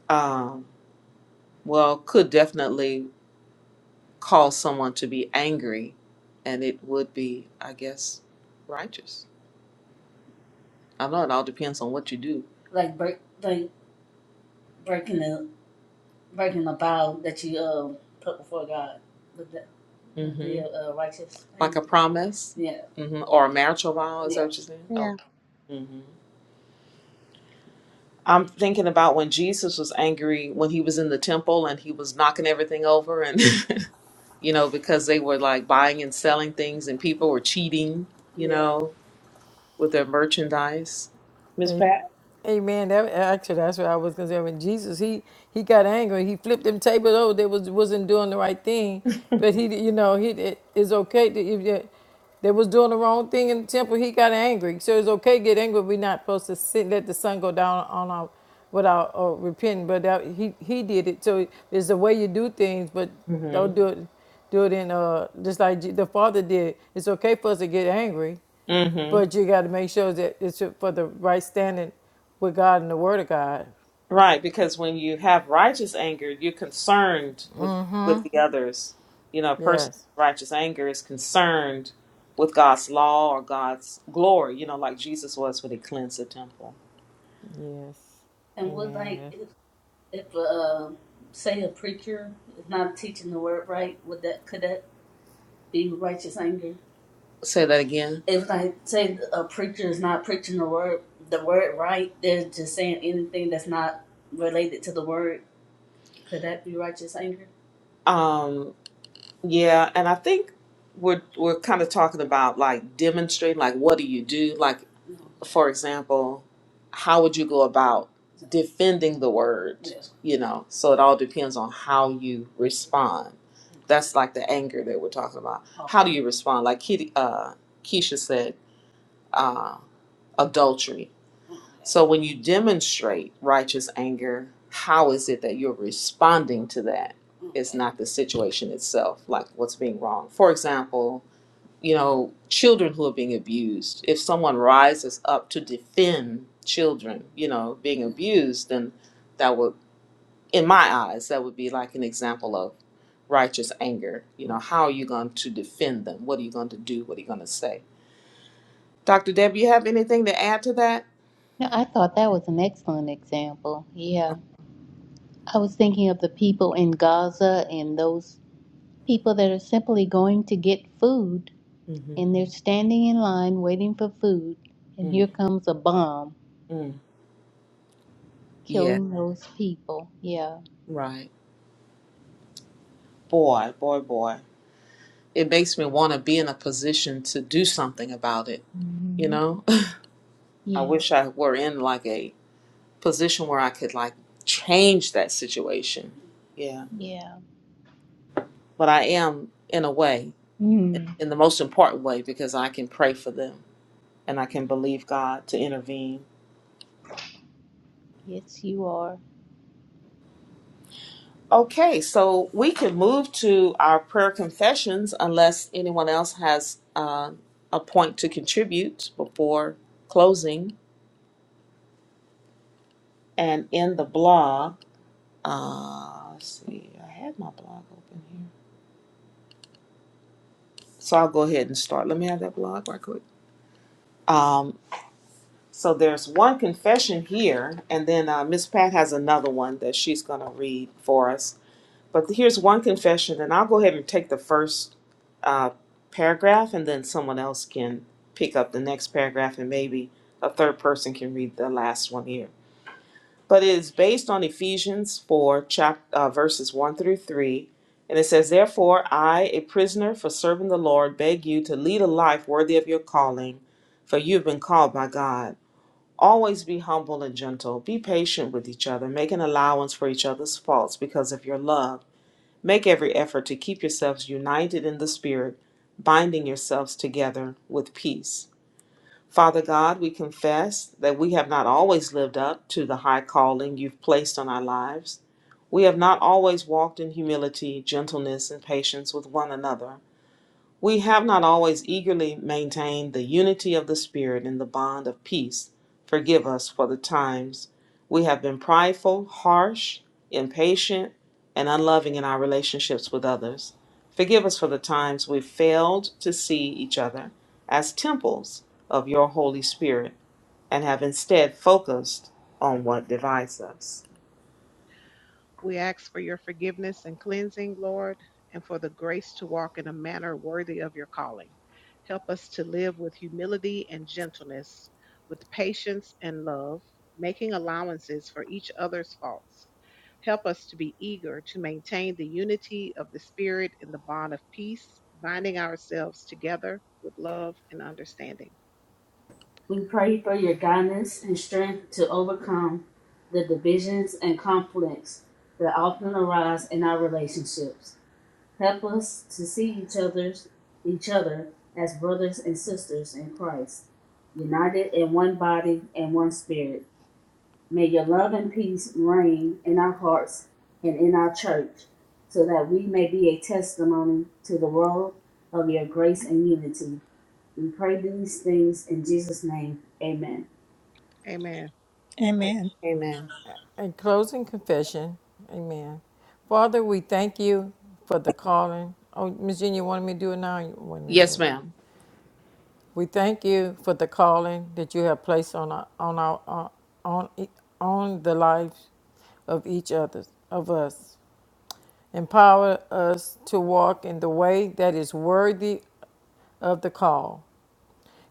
Speaker 1: um, well, could definitely cause someone to be angry, and it would be, I guess, righteous. I know it all depends on what you do. Like break, like breaking the breaking the vow that you uh, put before God with the, with hmm the uh, righteous thing. Like a promise Yeah, hmm or a marital vow. Is yeah. that yeah. what you're saying? Oh.
Speaker 7: Yeah.
Speaker 1: hmm I'm thinking about when Jesus was angry when he was in the temple and he was knocking everything over and you know, because they were like buying and selling things and people were cheating, you Yeah. know, with their merchandise. Miss
Speaker 3: Amen.
Speaker 1: Pat?
Speaker 3: Amen. That actually, that's what I was concerned with Jesus. He he got angry. He flipped them tables over. They was wasn't doing the right thing, but he you know he it- it's okay to if you, they was doing the wrong thing in the temple. He got angry, so it's okay to get angry. We're not supposed to sit let the sun go down on our without or repenting. But that, he he did it. So it's the way you do things, but don't
Speaker 1: Mm-hmm.
Speaker 3: do it do it in uh just like Je- the Father did. It's okay for us to get angry
Speaker 1: Mm-hmm.
Speaker 3: but you got to make sure that it's for the right standing with God and the Word of God.
Speaker 1: Right, because when you have righteous anger, you're concerned with with the others. You know, a person
Speaker 3: Yes,
Speaker 1: with righteous anger is concerned with God's law or God's glory. You know, like Jesus was when he cleansed the temple.
Speaker 3: yes.
Speaker 1: And would like
Speaker 3: Amen.
Speaker 1: if if uh, say a preacher is not teaching the word right, would that could that be righteous anger? Say that again. If like say a preacher is not preaching the word the word right, they're just saying anything that's not related to the word. Could that be righteous anger? Um, yeah, and I think we're we're kind of talking about like demonstrating, like what do you do? Like, No. for example, how would you go about defending the word? Yes. You know, so it all depends on how you respond. That's like the anger that we're talking about. Oh, How do you respond? Like Kitty, uh, Keisha said. uh, adultery. So when you demonstrate righteous anger, how is it that you're responding to that? It's not the situation itself, like what's being wrong. For example, you know, children who are being abused. If someone rises up to defend children, you know, being abused, then that would, in my eyes, that would be like an example of righteous anger. You know, how are you going to defend them? What are you going to do? What are you going to say? Dr. Deb, you have anything to add to that?
Speaker 4: No, I thought that was an excellent example. Yeah. I was thinking of the people in Gaza and those people that are simply going to get food and they're standing in line waiting for food and
Speaker 1: Mm,
Speaker 4: here comes a bomb
Speaker 1: mm, yeah,
Speaker 4: killing those people yeah
Speaker 1: right. Boy, boy, boy. It makes me want to be in a position to do something about it, you
Speaker 4: hmm
Speaker 1: know? I
Speaker 4: yes
Speaker 1: wish I were in like a position where I could like change that situation. Yeah.
Speaker 4: yeah
Speaker 1: But I am in a way,
Speaker 4: mm.
Speaker 1: in the most important way, because I can pray for them and I can believe God to intervene.
Speaker 4: yes you are
Speaker 1: Okay, so we can move to our prayer confessions unless anyone else has uh, a point to contribute before closing and in the blog. Uh, let's see, I had my blog open here. So I'll go ahead and start. Let me have that blog right quick. Um, so there's one confession here, and then uh, Miss Pat has another one that she's going to read for us. But here's one confession, and I'll go ahead and take the first uh, paragraph, and then someone else can pick up the next paragraph, and maybe a third person can read the last one here. But it is based on Ephesians 4, chap- uh, verses 1 through 3. And it says, Therefore, I, a prisoner for serving the Lord, beg you to lead a life worthy of your calling, for you have been called by God. Always be humble and gentle. Be patient with each other, making allowance for each other's faults because of your love Make every effort to keep yourselves united in the Spirit, binding yourselves together with peace. Father God, we confess that we have not always lived up to the high calling you've placed on our lives. We have not always walked in humility, gentleness, and patience with one another. We have not always eagerly maintained the unity of the Spirit in the bond of peace. Forgive us for the times we have been prideful, harsh, impatient, and unloving in our relationships with others. Forgive us for the times we failed to see each other as temples of your Holy Spirit and have instead focused on what divides us.
Speaker 5: We ask for your forgiveness and cleansing, Lord, and for the grace to walk in a manner worthy of your calling. Help us to live with humility and gentleness, with patience and love, making allowances for each other's faults. Help us to be eager to maintain the unity of the Spirit in the bond of peace, binding ourselves together with love and understanding.
Speaker 1: We pray for your guidance and strength to overcome the divisions and conflicts that often arise in our relationships. Help us to see each other's each other as brothers and sisters in Christ, united in one body and one spirit. May your love and peace reign in our hearts and in our church, so that we may be a testimony to the world of your grace and unity. We pray these things in Jesus' name. Amen.
Speaker 5: Amen.
Speaker 3: A
Speaker 6: amen.
Speaker 1: Amen.
Speaker 3: a closing confession. Amen. Father, we thank you for the calling. Oh, Miss Jean, you wanted me to do it now? You wanted me to
Speaker 1: Yes,
Speaker 3: wait.
Speaker 1: ma'am.
Speaker 3: We thank you for the calling that you have placed on our, on our on on the lives of each other of us. Empower us to walk in the way that is worthy of the call.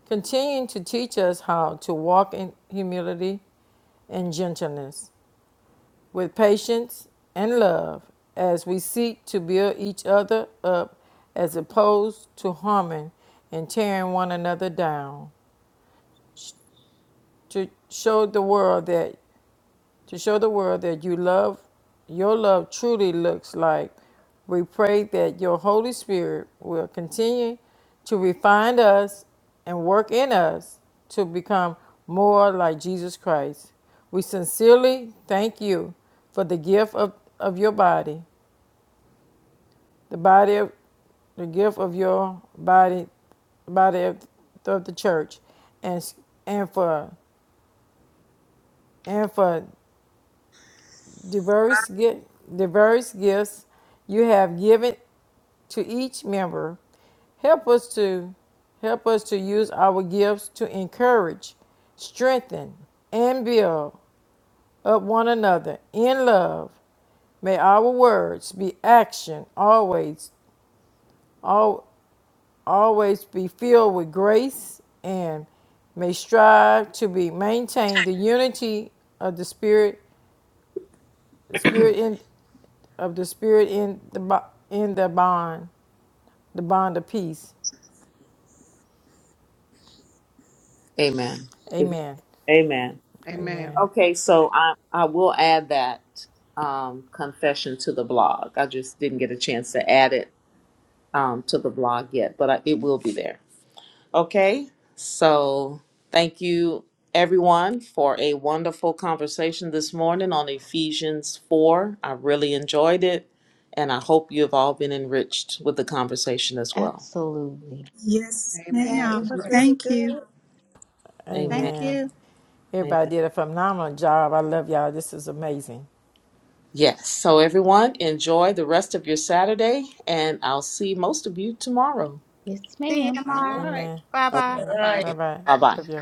Speaker 3: Continue to teach us how to walk in humility and gentleness, with patience and love, as we seek to build each other up as opposed to harming and tearing one another down. To show the world that to show the world that you love your love truly looks like we pray that your holy spirit will continue to refine us and work in us to become more like jesus christ we sincerely thank you for the gift of, of your body the body of the gift of your body body of, of the church and and for and for diverse, gi- diverse gifts you have given to each member. Help us to help us to use our gifts to encourage, strengthen, and build up one another in love. May our words be action always al- always be filled with grace and may strive to be maintain the unity of the spirit the spirit in of the Spirit in the bo- in the bond, the bond of peace.
Speaker 1: Amen. Is-
Speaker 3: Amen.
Speaker 1: Amen.
Speaker 5: Amen.
Speaker 3: Amen.
Speaker 1: Okay, so I I will add that um, confession to the blog. I just didn't get a chance to add it um, to the blog yet, but I, it will be there. Okay, so thank you everyone for a wonderful conversation this morning on Ephesians 4. I really enjoyed it, and I hope you have all been enriched with the conversation as well.
Speaker 4: absolutely
Speaker 6: Yes,
Speaker 7: Yeah,
Speaker 5: Amen. It
Speaker 7: it
Speaker 6: ma'am.
Speaker 5: was
Speaker 7: was
Speaker 5: great.
Speaker 7: really
Speaker 6: Thank you.
Speaker 7: good.
Speaker 1: Amen.
Speaker 7: Thank
Speaker 3: Amen.
Speaker 7: you.
Speaker 1: Amen.
Speaker 3: Everybody did a phenomenal job. I love y'all. This is amazing.
Speaker 1: Yes, so everyone, enjoy the rest of your Saturday, and I'll see most of you tomorrow.
Speaker 4: yes
Speaker 7: See you
Speaker 4: ma'am
Speaker 5: All
Speaker 7: tomorrow.
Speaker 5: right.
Speaker 3: Amen.
Speaker 7: Bye
Speaker 1: All
Speaker 7: bye.
Speaker 5: Bye bye.
Speaker 1: right.
Speaker 3: Bye bye.
Speaker 1: Bye bye.
Speaker 3: Love y'all.